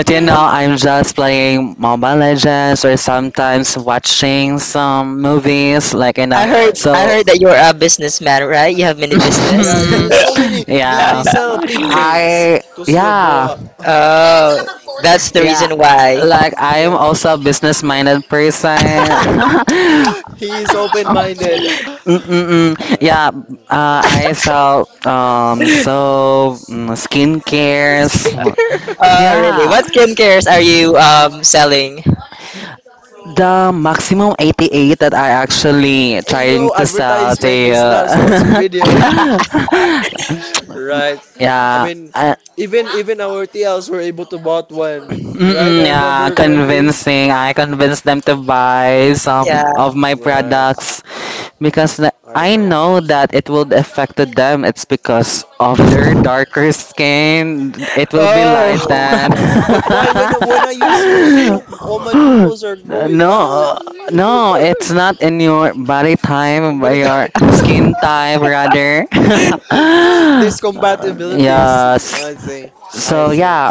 you know I'm just playing Mobile Legends or sometimes watching some movies, like, you know, I Right. heard I so heard that you're a businessman, right? You have many business. Yeah, yeah, [LAUGHS] so [LAUGHS] many. They, they yeah, sell pig brains I, to yeah. Sloboa. [LAUGHS] Oh, that's the Yeah, reason why. like I am Yeah. also a business-minded person. [LAUGHS] [LAUGHS] he is open minded. Mm-mm-mm. Yeah, Uh, uh, I sell um [LAUGHS] soap, mm, skincares. Skincare. [LAUGHS] Uh, really? Yeah, What skincares are you um selling? the maximum eighty-eight that I actually Hey trying yo, to sell to advertisement this is not a sponsored you. video. [LAUGHS] [LAUGHS] right. [LAUGHS] I Yeah, mean, I, even even our T Ls were able to bought one, right? mm-mm, I yeah, remember correctly. convincing. I convinced them to buy yeah. some of my Right. products because na- I I know. know that it will affect them. It's because of their darker skin. It will Oh be Oh. lightened. [LAUGHS] [LAUGHS] no. But why when when I use your soap, all my pimples are going No, out? no, [LAUGHS] it's not in your body type, But but it your [LAUGHS] skin type rather. [LAUGHS] there's Uh, compatibilities. yes. I see. I So see. yeah,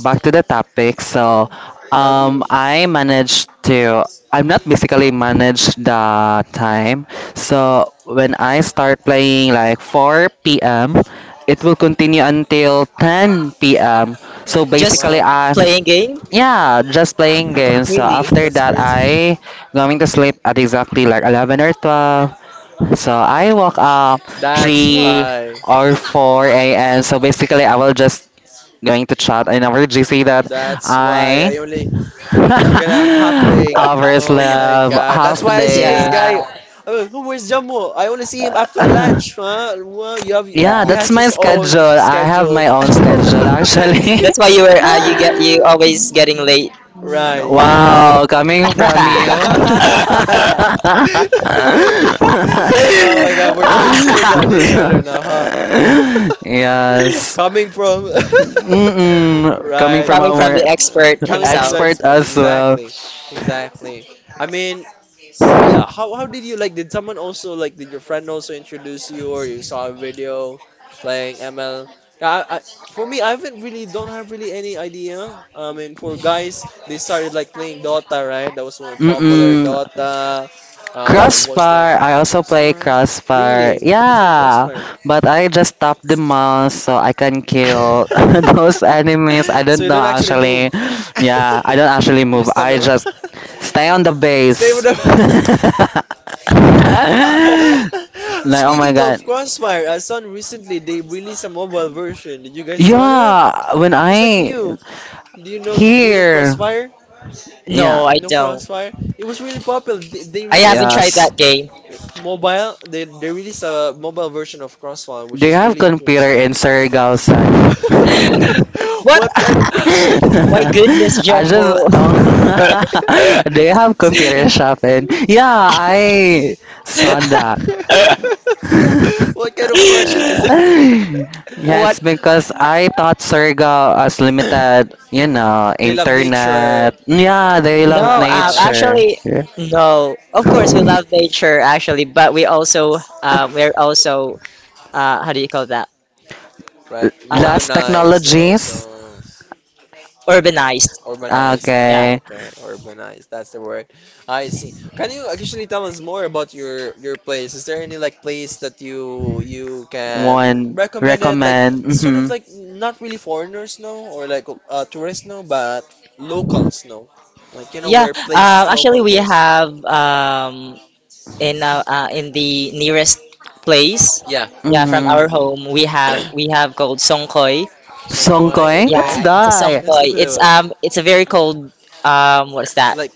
back to the topic. So, How do um, you? I managed to. I'm not basically manage the time. Mm. So when I start playing like four p m, it will continue until ten p m. So [CLEARS THROAT] Just basically, Wow. I, playing game? yeah, just playing games. So Really? after That's that, crazy. I going to sleep at exactly like eleven or twelve. So I woke up That's three why. or four a m. So basically, I will just going to chat in our G C that That's why I I only. You got a half [LAUGHS] day. hours Oh my left, god. That's half why I see this day. guy. Yeah. Uh, where's Jammu? I only see him after lunch. [LAUGHS] Huh? Well, you have Yeah. Yeah, he that's has my his schedule. own I have schedule. my own schedule actually. That's why you were uh, you get [LAUGHS] you always [LAUGHS] [LAUGHS] getting late. Right. Yeah. Wow, coming from you. [LAUGHS] [LAUGHS] [LAUGHS] Oh my God, we're throwing shades at each other now, huh? [LAUGHS] Yes. Coming from. [LAUGHS] Mm-mm. Coming Right. Uh, from Coming from our the expert Coming from the himself. expert expert, as well. exactly, exactly. I mean, yeah, how how did you like? Did someone also like? Did your friend also introduce you, or you saw a video playing M L? Yeah, I, I, for me, I haven't really don't have really any idea. I mean, for guys, they started like playing Dota, right? That was one popular Mm-mm. Dota. Um, what was there? Crossfire. I also play Crossfire. Crossfire. Really? You play Yeah, Crossfire? but I just tap the mouse so I can kill [LAUGHS] [LAUGHS] those enemies. I So don't you know don't actually actually. move. Yeah, I [LAUGHS] don't actually You move. just stab I them. just stay on the [LAUGHS] Save base. them. [LAUGHS] [LAUGHS] [LAUGHS] Like, oh my Speaking of god. Crossfire, I saw recently they released a mobile version. Did you guys saw that? Yeah, when It's like I new. Do you know? Do you know here. Crossfire? Yeah. No, I No don't. Crossfire. It was really popular. They, they I released haven't one tried Yes. that game. I- mobile. They they released a mobile version of Crossfire, which Do you is have really computer interesting. in Surigao, son? [LAUGHS] [LAUGHS] [LAUGHS] What? What kind of question is My that? goodness, I Jumbo. [LAUGHS] just [LAUGHS] do you have [LAUGHS] See? computer shop in? Yeah, I saw that. [LAUGHS] What kind of question is that? [LAUGHS] Yeah, What? it's because I thought Surigao as [LAUGHS] [COUGHS] limited, you know, They love nature. internet. Yeah, they love No, um, Wow. nature. actually, Yeah. no. Of course, we love [LAUGHS] nature, actually, but we also, um, we're also, uh, how do you call that? Right. Uh, Less Modernized or technologies. also urbanized. urbanized. Yeah. Ah, Okay. okay. Urbanized. That's the word. I see. Can you actually tell us more about your your place? Is there any like place that you you can One recommend it? Like recommend. sort of Mm-hmm. like not really foreigners know or like uh, tourists know, but locals know. Like you know Yeah, where um, places actually, local we goes. have um, in uh, uh, in the nearest place. Yeah. Yeah, from our Mm-hmm. home, we have we have called Songkoy. Songkoy. Songkoy? Yeah, What's Okay. it's a that? Let's songpoy. look at It's it. um, it's a very cold um, what's that? Like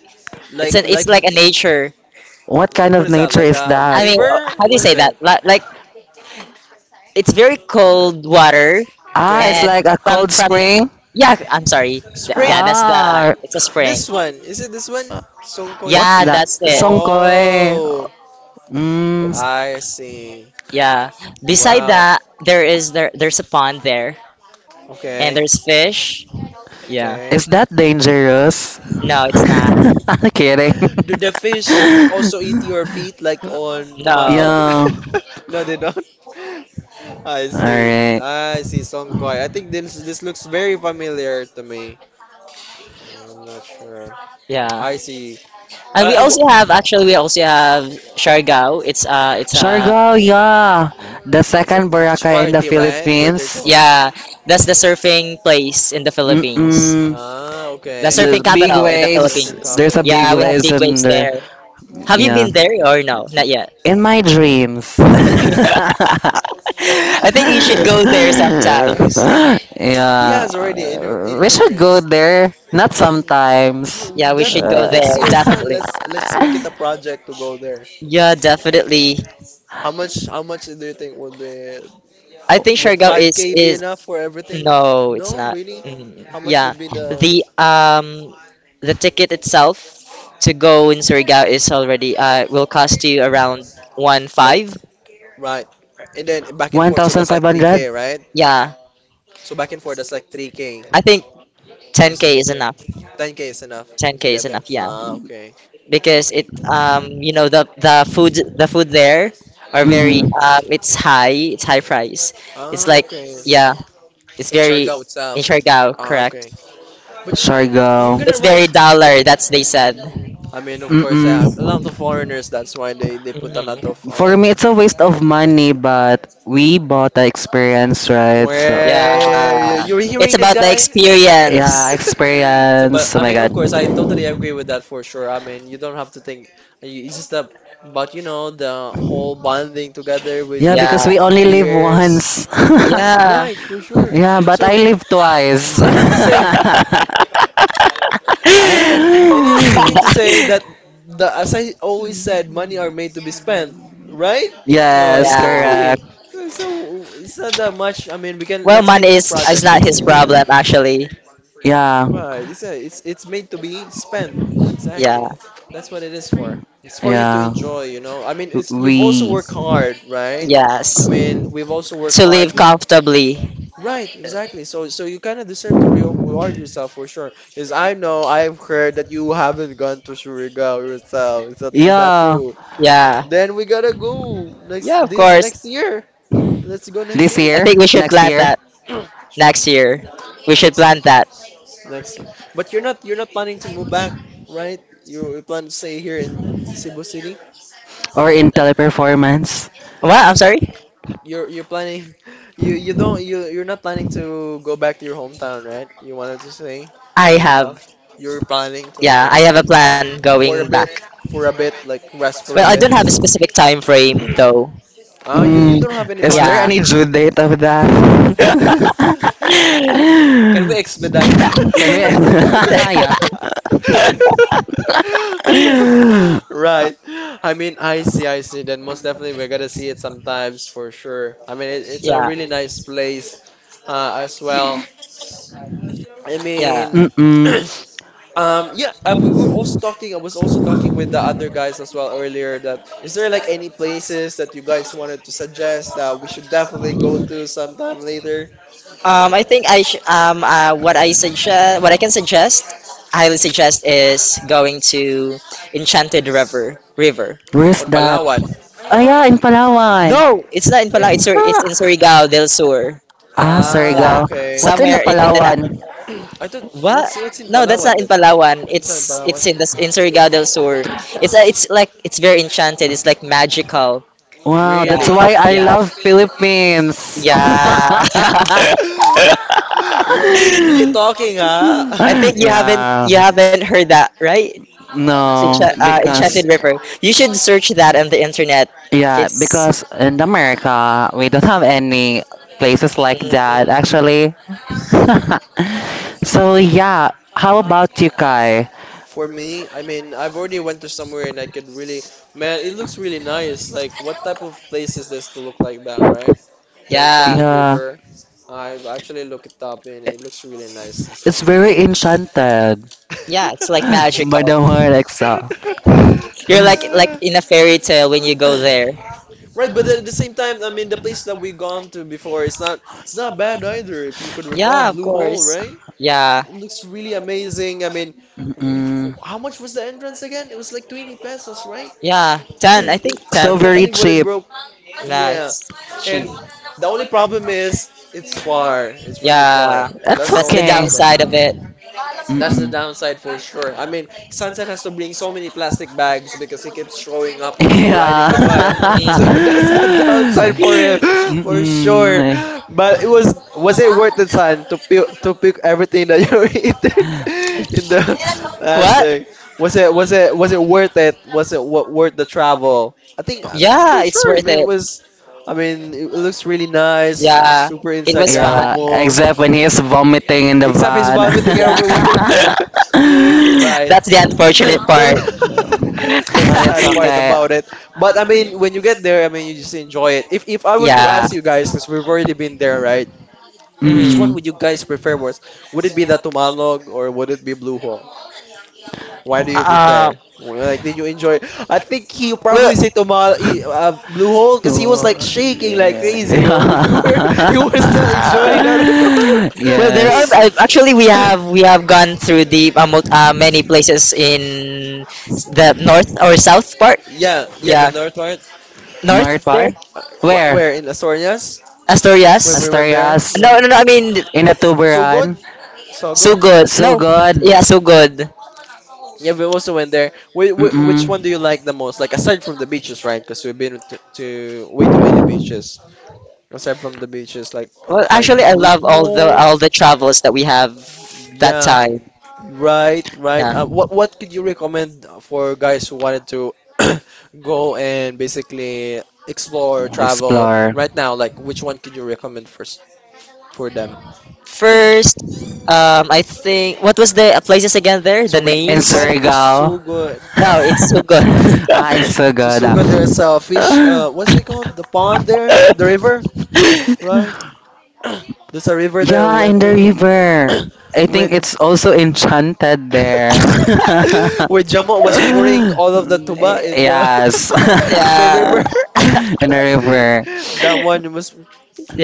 It's like an, it's like like like a nature. What kind what of is that? nature Like is a that? I mean, river? how do you What is say that? it? Like, like it's very cold water Ah, it's Okay. and like a from cold from spring. yeah. I'm sorry. Th- Yeah, Spring. that's the, Ah, it's a spring. This one. Is it this one? Songkoy what's Yeah, Spring. that? that's it. Songkoy. Oh, Mm, I It's, see. yeah. Beside Wow. that, there is there there's a pond there, and Okay. there's fish. Yeah. is Okay. that dangerous? No, [LAUGHS] it's not. I'm kidding. [LAUGHS] Do the fish also eat your feet like on No. Tumalog? Yeah. [LAUGHS] No, they don't. [LAUGHS] I see. Alright. I see Songkoy. I think this this looks very familiar to me. Yeah, I'm not sure. Yeah. I see. And we Uh, also have, actually, wh- we also have Siargao. It's uh it's uh Siargao, yeah. The Yeah, it's like second beach Boracay in the party, right? Where they're Philippines. going. yeah, that's the surfing place in the Philippines. Mm-mm. Ah, The okay. [LAUGHS] There's surfing big capital in the waves. Philippines. There's a big Yeah, we have waves big and waves there. there. Have you Yeah. been there or no? Not yet. In my dreams. [LAUGHS] [LAUGHS] [LAUGHS] I think you should go Guys. there sometimes. He Yeah. has already in her in We her should go dreams. there. Not Mm, sometimes. Yeah, no, we should go definitely there next year, Uh, son. definitely. Let's let's make it a project to go there. Yeah, definitely. How much? How much do you think would be I think would Siargao is five k be is enough for everything? No, No, it's not. really. Mm, How much yeah, would be the? the um the ticket itself to go in Surigao is already uh will cost you around one Like, five. right. And then [LAUGHS] back and forth, so that's like one thousand five hundred? three k, right? Yeah, So back and forth, that's like three k I think ten just to k get is there. enough. ten k is enough Ten to k is get there. enough. Yeah, Ah, okay. because it, Okay. um you know, the the food, the food there are very, Mm. um it's high, it's high price. It's Ah, like, okay. yeah, it's In very Siargao in itself. Surigao, Ah, correct. okay. But you're Siargao. gonna It's ride. very dollar. That's they said. Mm, I mean, of course, Mm-mm. uh, a lot of foreigners. That's why they, they put a lot Mhm. of. For um me, it's a waste of money, but we bought the experience, right? So, Yeah. Where you're It's hearing this about the guy? [LAUGHS] yeah, experience. So, but experience. Oh I my mean, of course, I god. totally agree with that for sure. I mean, you don't have to think. you- It's just that, but you know, the whole bonding together with Yeah, Yeah. your because we only live peers. [CLEARS THROAT] once. [LAUGHS] Yeah. Right, for sure. Yeah, but I So, live twice. meaning to say, [LAUGHS] [LAUGHS] [LAUGHS] meaning, meaning to say that the as I always said, money are made to be spent, right? Oh, Yes, yeah. exactly. correct. So it's not that much. I mean, we can Well, let's money make it a is is project not next his year. problem actually. Yeah, Right. It's a, it's it's made to be spent. Yeah. Exactly. That's what it is for. It's for you to yeah. enjoy, you know. I mean, it's you've also We. worked hard, right? I Yes. mean, we've also worked To hard live with. comfortably. Right, exactly. So, so you kind of deserve to re- reward yourself for sure. Because I know I've heard that you haven't gone to Surigao yourself. Is that is that Yeah, true? Yeah. Then we gotta go Yeah, next of this course. next year. Let's go next this year. I year, think we should next plan year, that next year. We should Next year, plan that. next year. But you're not you're not planning to move back, right? You, you plan to stay here in Cebu City. or in teleperformance. What? I'm sorry. You're you're planning [LAUGHS] you you don't you you're not planning to go back to your hometown, right? You wanted to stay I when we have You're planning to Yeah, go I have a plan going for a back. bit, for a bit, like rest for Well, a I bit. don't have a specific time frame though. [CLEARS THROAT] Ah, you you Mm, don't have any is there plans Yeah. yet. any due date of that? [LAUGHS] [LAUGHS] [LAUGHS] Can we expedite? Can we? [LAUGHS] [LAUGHS] Yeah. [LAUGHS] Right. I mean, I see, I see. Then most definitely we're gonna see it sometimes for sure. I mean, it, it's a yeah. really nice place. uh, as well. I Yeah. mean, Mm-mm. [CLEARS THROAT] um, yeah, um, we were also talking. I was also talking with the other guys as well earlier. That is there like any places that you guys wanted to suggest that we should definitely go to sometime later Um, I think I sh- um uh, what I suggest what I can suggest highly suggest, is going to Enchanted River River Where's on that? Palawan? Ah, yeah, in Palawan. No, it's not in Where? Palawan. It's, Sur- it's in Ah, Surigao del Sur. ah, Ah, Yeah, Surigao. okay. What's in the somewhere in Mindanao. Palawan? [CLEARS THROAT] I thought What? what's what's in No, that's Palawan not in then? Palawan. It's not in It's Palawan. it's in the in Surigao del Sur. It's uh, it's like it's very enchanted. It's like magical. Wow, Yeah, that's Really. Really? why I yeah, love Philippines. yeah. [LAUGHS] [LAUGHS] [LAUGHS] You're really talking, huh? I think you haven't, Yeah. you haven't heard that, right? [LAUGHS] In Encha- No, Santa uh, River. Enchanted because, River. You should search that on the internet. yeah, It's because in America we don't have any places like that mm, actually. [LAUGHS] So yeah, how about you, Kai? For me, I mean, I've already went to somewhere and I could really, man, it looks really nice. Like, what type of place is this to look like that, right? The yeah, Enchanted Yeah. River. I've actually looked it up and it looks really nice as It's well. very enchanted. yeah. It's like [GASPS] magical. Madam Alexa. You're like like [LAUGHS] in a fairy tale when you go my. there. Right, but at the same time, I mean, the place that we've gone to before, it's not it's not bad either. If you could recall Yeah, of Blue Hole, course. right? Yeah, It looks really amazing. I mean, if, Mm-mm. how much was the entrance again? It was like twenty pesos, right? yeah. [CLEARS THROAT] Ten, I think It- So that ten. very definitely wouldn't cheap. broke. Yeah, That's cheap. and the only problem is it's far. It's really far. Yeah, It's That's the that's only the okay. problem. downside of it. That's the Mm-mm. downside for [LAUGHS] sure. I mean, Sansan has to bring so many plastic bags because he keeps throwing up when we're riding Yeah. the van. [LAUGHS] So [LAUGHS] Mm. that's the downside for him, [LAUGHS] for sure. Mm-mm. But it was was it worth it, San, to pick to pick everything that you [LAUGHS] eaten in the [LAUGHS] What? plastic? Was it was it was it worth it? Was it What worth the travel? I think uh, Yeah, for it's sure. I worth mean, it it. was. I mean, it it looks really nice, Yeah, super it was fun. Yeah, Instagrammable. except when he's vomiting in the Except he's van. vomiting everywhere. [LAUGHS] in Yeah, the [LAUGHS] ba- right. that's the unfortunate [COUGHS] That's, part. [LAUGHS] [LAUGHS] that's the But it's sad part okay. [LAUGHS] about it. But I mean, when you get there, I mean, you just enjoy it. If if I were to Yeah. ask you guys, since we've already been there, right? Which Mm. one Mm. [LAUGHS] would you guys prefer worse? Would it be the Tumalog or would it be Blue Hole? Why do you Uh, prefer? Like, did you enjoy? I think he well, probably said Tumal he- uh, Blue Hole because he was Oh, like shaking like crazy. Oh, [LAUGHS] yeah. he were- he was not enjoying [LAUGHS] that at all. [LAUGHS] well, there are Yes. uh, actually we have, [LAUGHS] we have gone through the uh, mul- uh, many places in s- the north or south part. Yeah, yeah, the Yeah, north part. North north there, part? Uh, wh- Where? where in Asturias? When Asturias. we went there, Asturias? yeah. No, no, no. I mean, In a It's so tuberan? good. So so good. good. So No, Yeah. good. yeah, so good. Yeah, we also went there. Wh- wh- Mm-mm. which one do you like the most? Like aside from the beaches, right? Because we've been to, to way too many beaches. Aside from the beaches, like Well, like actually, I Blue love all the, Hole. all the travels that we have that Yeah, time. right, right. Yeah. Um, what what could you recommend for guys who wanted to [CLEARS THROAT] go and basically explore, travel Explore. right now? Like, which one could you recommend first for them? First, um, I think what was the places again there? So The we In we names? went to Surigao? Sugod. No, in [LAUGHS] [COUGHS] Sugod. Ah, it's [LAUGHS] so [LAUGHS] To good. Ah. Sugod, there's a fish. [LAUGHS] Uh, what's it called? The pond there, the river, right? There's a river that we Yeah, in went the to river. [COUGHS] I think when it's also enchanted there. [LAUGHS] [LAUGHS] when Jamo was pouring all of the tuba in the Yes. [LAUGHS] [LAUGHS] the yeah, river. [LAUGHS] In the river. [LAUGHS] That one was,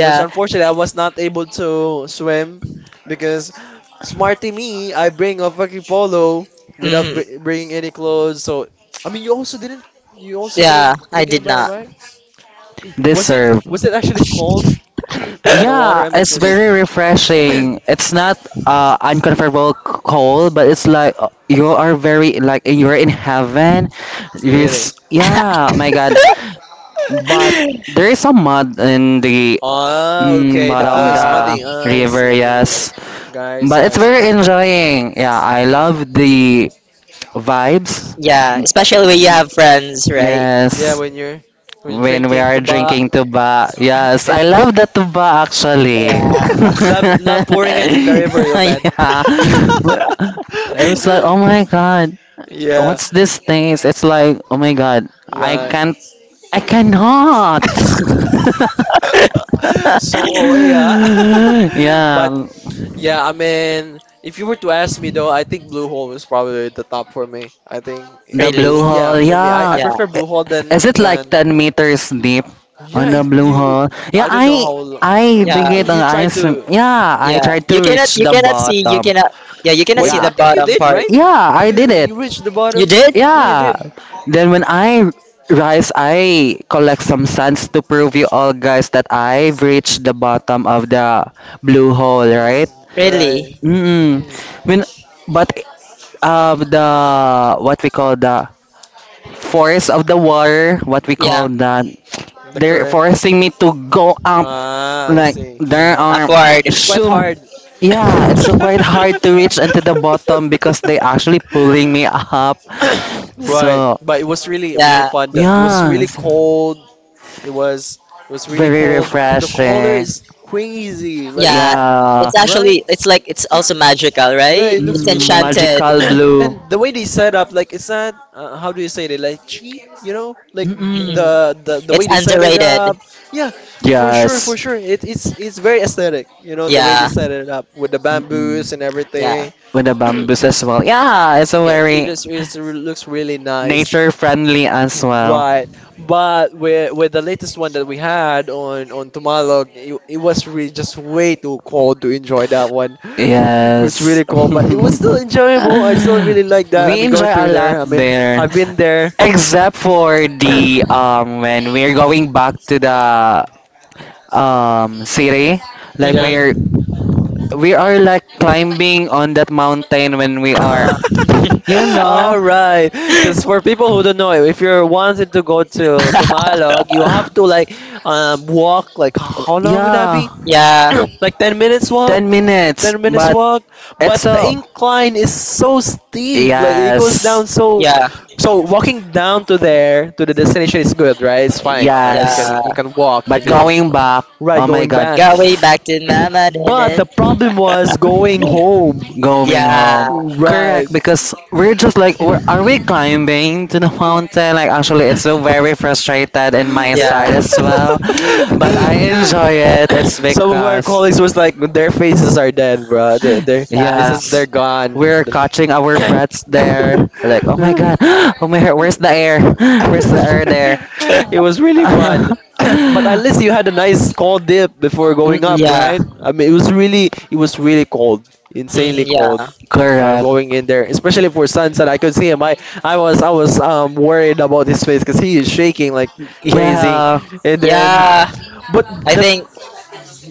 which unfortunately I was not able to swim because smarty me, I bring a fucking polo without mm, br- bringing any clothes. So I mean, you also didn't, you also yeah. didn't I thinking did about it, about, not. right? This Was it serve. was it actually cold? [CLEARS THROAT] The [LAUGHS] water Yeah, I mean it's for jump. very refreshing. It's not uh uncomfortable c- cold, but it's like, uh, you are very like you're in heaven. Really? Yes. Yeah, my [LAUGHS] God. But there is some mud in the, Ah, mm, okay. The bottom floor is uh, the muddy. I river, see. yes. Guys, But yeah, I it's see. very enjoying. Yeah, I Mm-hmm. love the vibes. yeah, especially when you have friends, right? Mm-hmm. Yeah, Yes. when you're when you're When we drinking are tuba drinking tuba. Yes, I and love the tuba actually. Yeah. [LAUGHS] love love pouring it [LAUGHS] in the river, you man. Yeah. Well, it was [LAUGHS] [LAUGHS] like, oh my god, [LAUGHS] yeah, what's this taste? It's like, oh my god, I right. can't, I cannot. [LAUGHS] so O A, ah. [LAUGHS] [LAUGHS] But Yeah. yeah, I mean, if you were to ask me though, I think Blue Hole is probably the top for me. I think i- The blue it's really, yeah hole, for me. I, I yeah. I- yeah, prefer Blue Hole than Is it like than ten meters deep on yeah. the It, blue you hole? Yeah, I don't know I how long. I think yeah, it [CLEARS THROAT] on You try ice. to. Yeah, I yeah, tried to you cannot, reach you the cannot see, you bottom. cannot, yeah, you cannot Were see you? Yeah. the I think you bottom did, part. right? Yeah, I You did it. you reached the You bottom. did, Yeah, you Yeah. did. Then when I rise, I collect some sands to prove you all guys that I've reached the bottom of the blue hole, right? Mm, right. really, Mm. Mm, When but uh the, what we call the forest of the water, what we yeah. call that. the They're current. forcing me to go up, Ah, I like see. there Mm, are, upward. [COUGHS] It's quite so hard. [LAUGHS] yeah, it's so quite hard to reach into the bottom because they actually pulling me up. [COUGHS] Right, So but it was really really Yeah, fun. The- It was yeah, really it's cold. It was it was really very cold. The color refreshing. is crazy. Like yeah, how, Yeah, it's right? actually, it's like it's also magical, Yeah, [CLEARS THROAT] right? it looks It's really mm, much. magical enchanted. [CLEARS THROAT] blue. and the way they set up, like it's not uh, how do you say it, like cheap, you know, like Mm. Mm-mm. the the, the It's way they set it underrated. up. Yeah, for sure, for Yes. sure. It, it's it's very aesthetic, you know, the way they Yeah, set it up with the Mm-mm. bamboos and yeah. everything. With the bamboo [CLEARS THROAT] as well. Yeah, it's a Yeah, it very looks it looks really nice. nature friendly as well. Right, but with with the latest one that we had on on Tumalog, it, it was really just way too cold to enjoy that one. [LAUGHS] It was really Yes. cold, but it was still enjoyable. I [LAUGHS] still really like that. I We mean, going enjoy a through lot there. I mean, there, I've been there. except for the um [COUGHS] when we're going back to the um city, like Yeah. we're, Hmm. we are like climbing on that mountain when we are, Uh-huh. you [LAUGHS] know, All right, because for people who don't know, if you're wanting to go to to Malog, you have to [LAUGHS] [LAUGHS] like um walk like h- how long would that yeah, be? yeah, [CLEARS THROAT] like ten minutes walk, ten minutes, ten minutes but walk. it's But the so, incline is so steep, like it goes yes, down so. yeah. So walking down to there to the destination is good, right? It's fine, right? You yes, can Yeah. you can walk and but then you can, going back, right oh my going god. back. Got way back to Mama, didn't But the it? problem was going home, [LAUGHS] Going Yeah. home. right? Correct, because we're just like, we're, are we [LAUGHS] climbing to the mountain? Like, actually, it's so very frustrated in my [LAUGHS] Yeah. side as well. But I enjoy it. It's Some of our because, colleagues was like, their faces are dead, bro. They, they're, it's Yeah. just they're yes, gone. we're catching our [LAUGHS] breaths there. Like, oh my god, [GASPS] oh my, where's the air? [GASPS] Where's the air there? it was really fun. [LAUGHS] [COUGHS] but at least you had a nice cold dip before going up, Mm-mm. Yeah. right? I mean, it was really, it was really cold, insanely, Mm, yeah. uh, Correct. going in there, especially for Sansan. I could see him. I, I was I was um worried about his face because he is shaking like crazy, Yeah. and then Yeah. but I that. think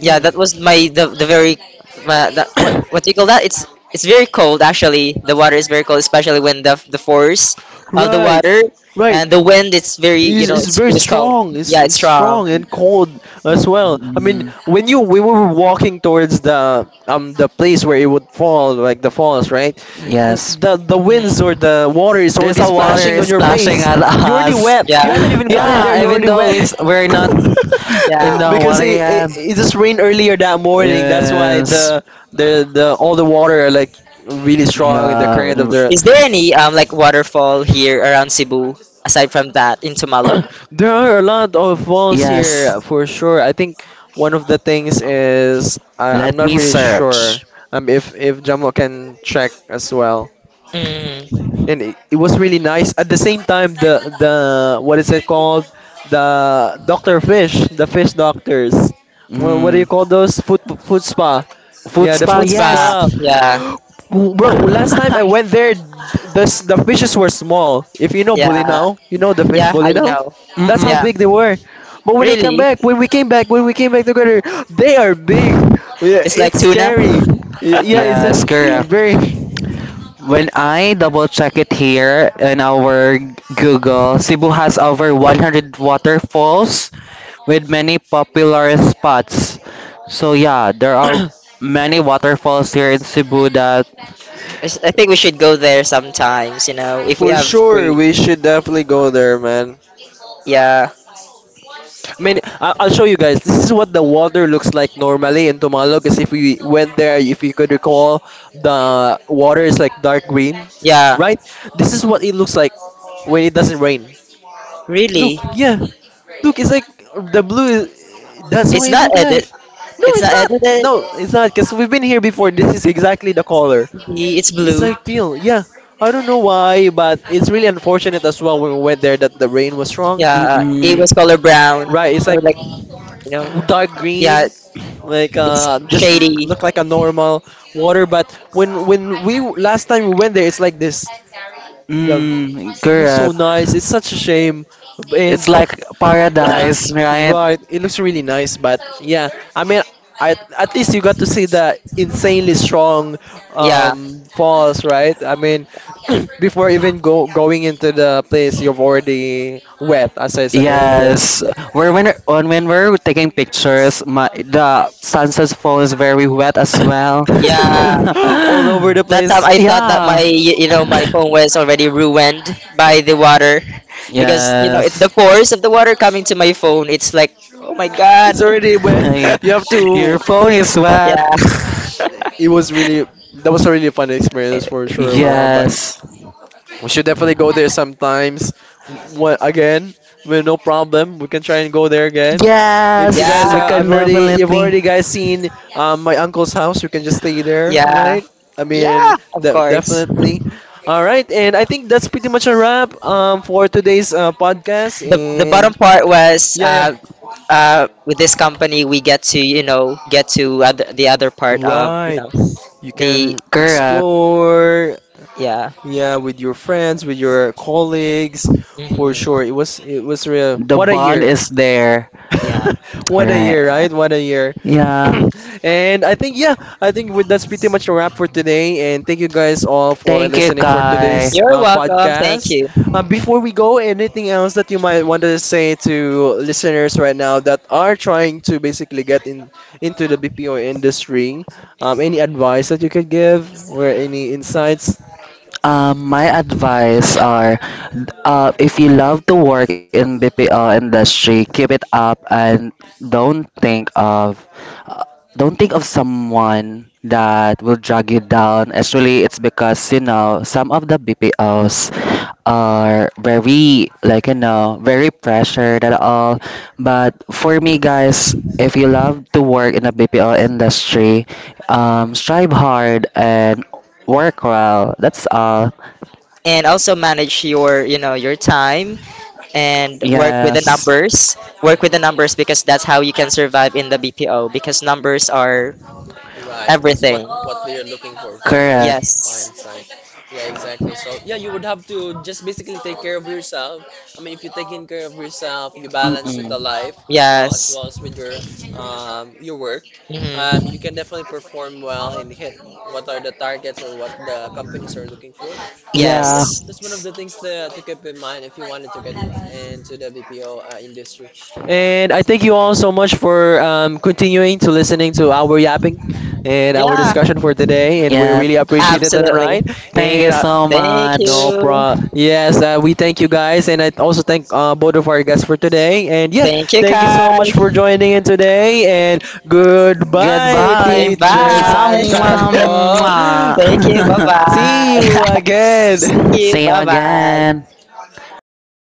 yeah, that was my [COUGHS] the the very, my, that, what what do you call that? It's it's very cold actually. The water is very cold, especially when the the force of the Right, water right. and the wind. It's very, you It's, know, it's it's, very it was cold. strong. It's, Yeah, it's it's strong. strong and cold as well. I mean, Mm-mm. when you we were walking towards the um the place where it would fall, like the falls, right? Yes. the the winds or the water Mm, is There's already a splashing water on your splashing face. at You're already us. wet. [LAUGHS] yeah. You haven't [LAUGHS] even gotten there. Yeah, You're even already though wet. it's, we're not in Yeah. [LAUGHS] the because water it, it yet. it just rained earlier that morning. That's why Yes. the the the all the water are like really strong in the Yeah. current of the. The- Is there any um like waterfall here around Cebu aside from that in Tamalog? [COUGHS] There are a lot of falls Yes. here for sure. I think one of the things is I I'm Let not me really sure. search. Um, if if Jamo can check as well. Mm. And it, it was really nice at the same time the the what is it called, the doctor fish, the fish doctors. What what do you Mm. call those, food food spa, Food yeah the spa, Food food Spa. yes. spa. Yeah. [GASPS] bro, last time [LAUGHS] I went there, the, s- the fishes were small. If you know Yeah. bulinaw, you know the fish Yeah, I bulinaw, know. that's how Mm-mm. Yeah. big they were. But when I come Really? back when we came back when we came back together, they are big. Yeah, It's like it's tuna. scary. [LAUGHS] yeah it's, Yes, a, it's correct. very. When I double check it here in our Google, Cebu has over one hundred waterfalls with many popular spots. So yeah, there are [COUGHS] many waterfalls here in Cebu that I s- I think we should go there sometimes, you know, if we For have sure, free. we should definitely go there, man. Yeah. I mean, I- I'll show you guys. This is what the water looks like normally in Tumalog. Because if we went there, if you could recall, the water is like dark green, Yeah. right? This is what it looks like when it doesn't rain. Look, Really? yeah, look, it's like the blue. Is, that's It's what it not look like. edit. No, It's it's not not. edited. No, it's not. Because we've been here before. This is exactly the color. It's It's blue. ideal, yeah. I don't know why, but it's really unfortunate as well when we went there that the rain was wrong. Yeah, uh, mm-mm, it was color [CLEARS THROAT] brown Right, it's or like like, you know, dark yeah, green, like, it's uh, just shady. look like a normal water. But when when we last time we went there, it's like this. Yeah. mm, It looks so correct. nice. It's such a shame. And It's like Yeah, paradise, [COUGHS] right? right, it looks really nice. But yeah, I mean, I, at least you got to see the insanely strong, yeah, um, falls, right? I mean, [COUGHS] [CLEARS THROAT] before even go going into the place, you've already wet, as I said earlier, Yes. We're when, on when we're taking pictures, my, the sunset phone is very wet as well. yeah. [COUGHS] [LAUGHS] all over [LAUGHS] the That time place. I thought that my Yeah. y- you know my phone was [COUGHS] already ruined by the water [LAUGHS] because you know it, the Yes. force of the water coming to my phone. It's like, oh my god. It's already wet. [LAUGHS] You have [LAUGHS] Your to, phone is what? yeah, [LAUGHS] it was really that was a really fun experience for sure. One back, Yes. we should definitely go there sometimes. What again? Well, no problem. We can try and go there again. If you Yes. guys yeah, We are, yeah, I've can already, you've definitely. already guys seen um, my uncle's house. You can just stay there, yeah, right? I mean, yeah. Of de- course. definitely. All right, and I think that's pretty much a wrap, um, for today's uh, podcast. the the And bottom part was yeah, yeah. uh, uh, with this company we get to, you know, get to other, the other part of, you Right. know, You the can Correct. explore. yeah, Yeah, with your friends, with your colleagues, for sure. mhm, It was it was real. The What a bond year. is there. yeah. [LAUGHS] All What a right. year, right? What a year. Yeah. [COUGHS] [CLEARS THROAT] And I think yeah, I think with that's pretty much a wrap for today. And thank you guys all for Thank you, listening for Kai. today's You're uh, welcome, thank podcast. you. Um, before we go, anything else that you might want to say to listeners right now that are trying to basically get in into the B P O industry? Um, any advice that you could give or any insights? Um, my advice are, uh, if you love to work in B P O industry, keep it up and don't think of, uh, don't think of someone that will drag you down. Actually, it's because you know some of the B P Os are very like, you know, very pressured at all. But for me, guys, if you love to work in a B P O industry, um, strive hard and work well, that's all. And also manage your, you know, your time and work with the Yes, numbers, work with the numbers, because that's how you can survive in the B P O, because numbers are Right. It's what everything. what they're looking for for sure in correct. Yes, client side. Yeah, exactly. So yeah, you would have to just basically take care of yourself. I mean, if you're taking care of yourself, you balance with Mm-mm. the life as well as yes, well as with your um your work, um, you can definitely mhm, perform well and hit what are the targets or what the companies are looking for. So yeah, Yeah, yes. that's one of the things that to keep in mind if you wanted to get in, into the B P O uh, industry. And I thank you all so much for um, continuing to listening to our yapping and our Yeah, discussion for today. And we yeah. really appreciate it, and absolutely. right? Thank And you uh, so Thank no much. you. problem. Yes, uh, we thank you guys, and I also thank uh, both of our guests for today. And yeah, Thank you, thank you so Kai. much for joining in today. And goodbye, Goodbye. teacher Mwah, San Goodbye. mwah, [LAUGHS] Sangko. mwah. Thank you. Bye bye. See you [LAUGHS] See again. [LAUGHS] [LAUGHS] you. See you Bye bye. again. Bye, Bye.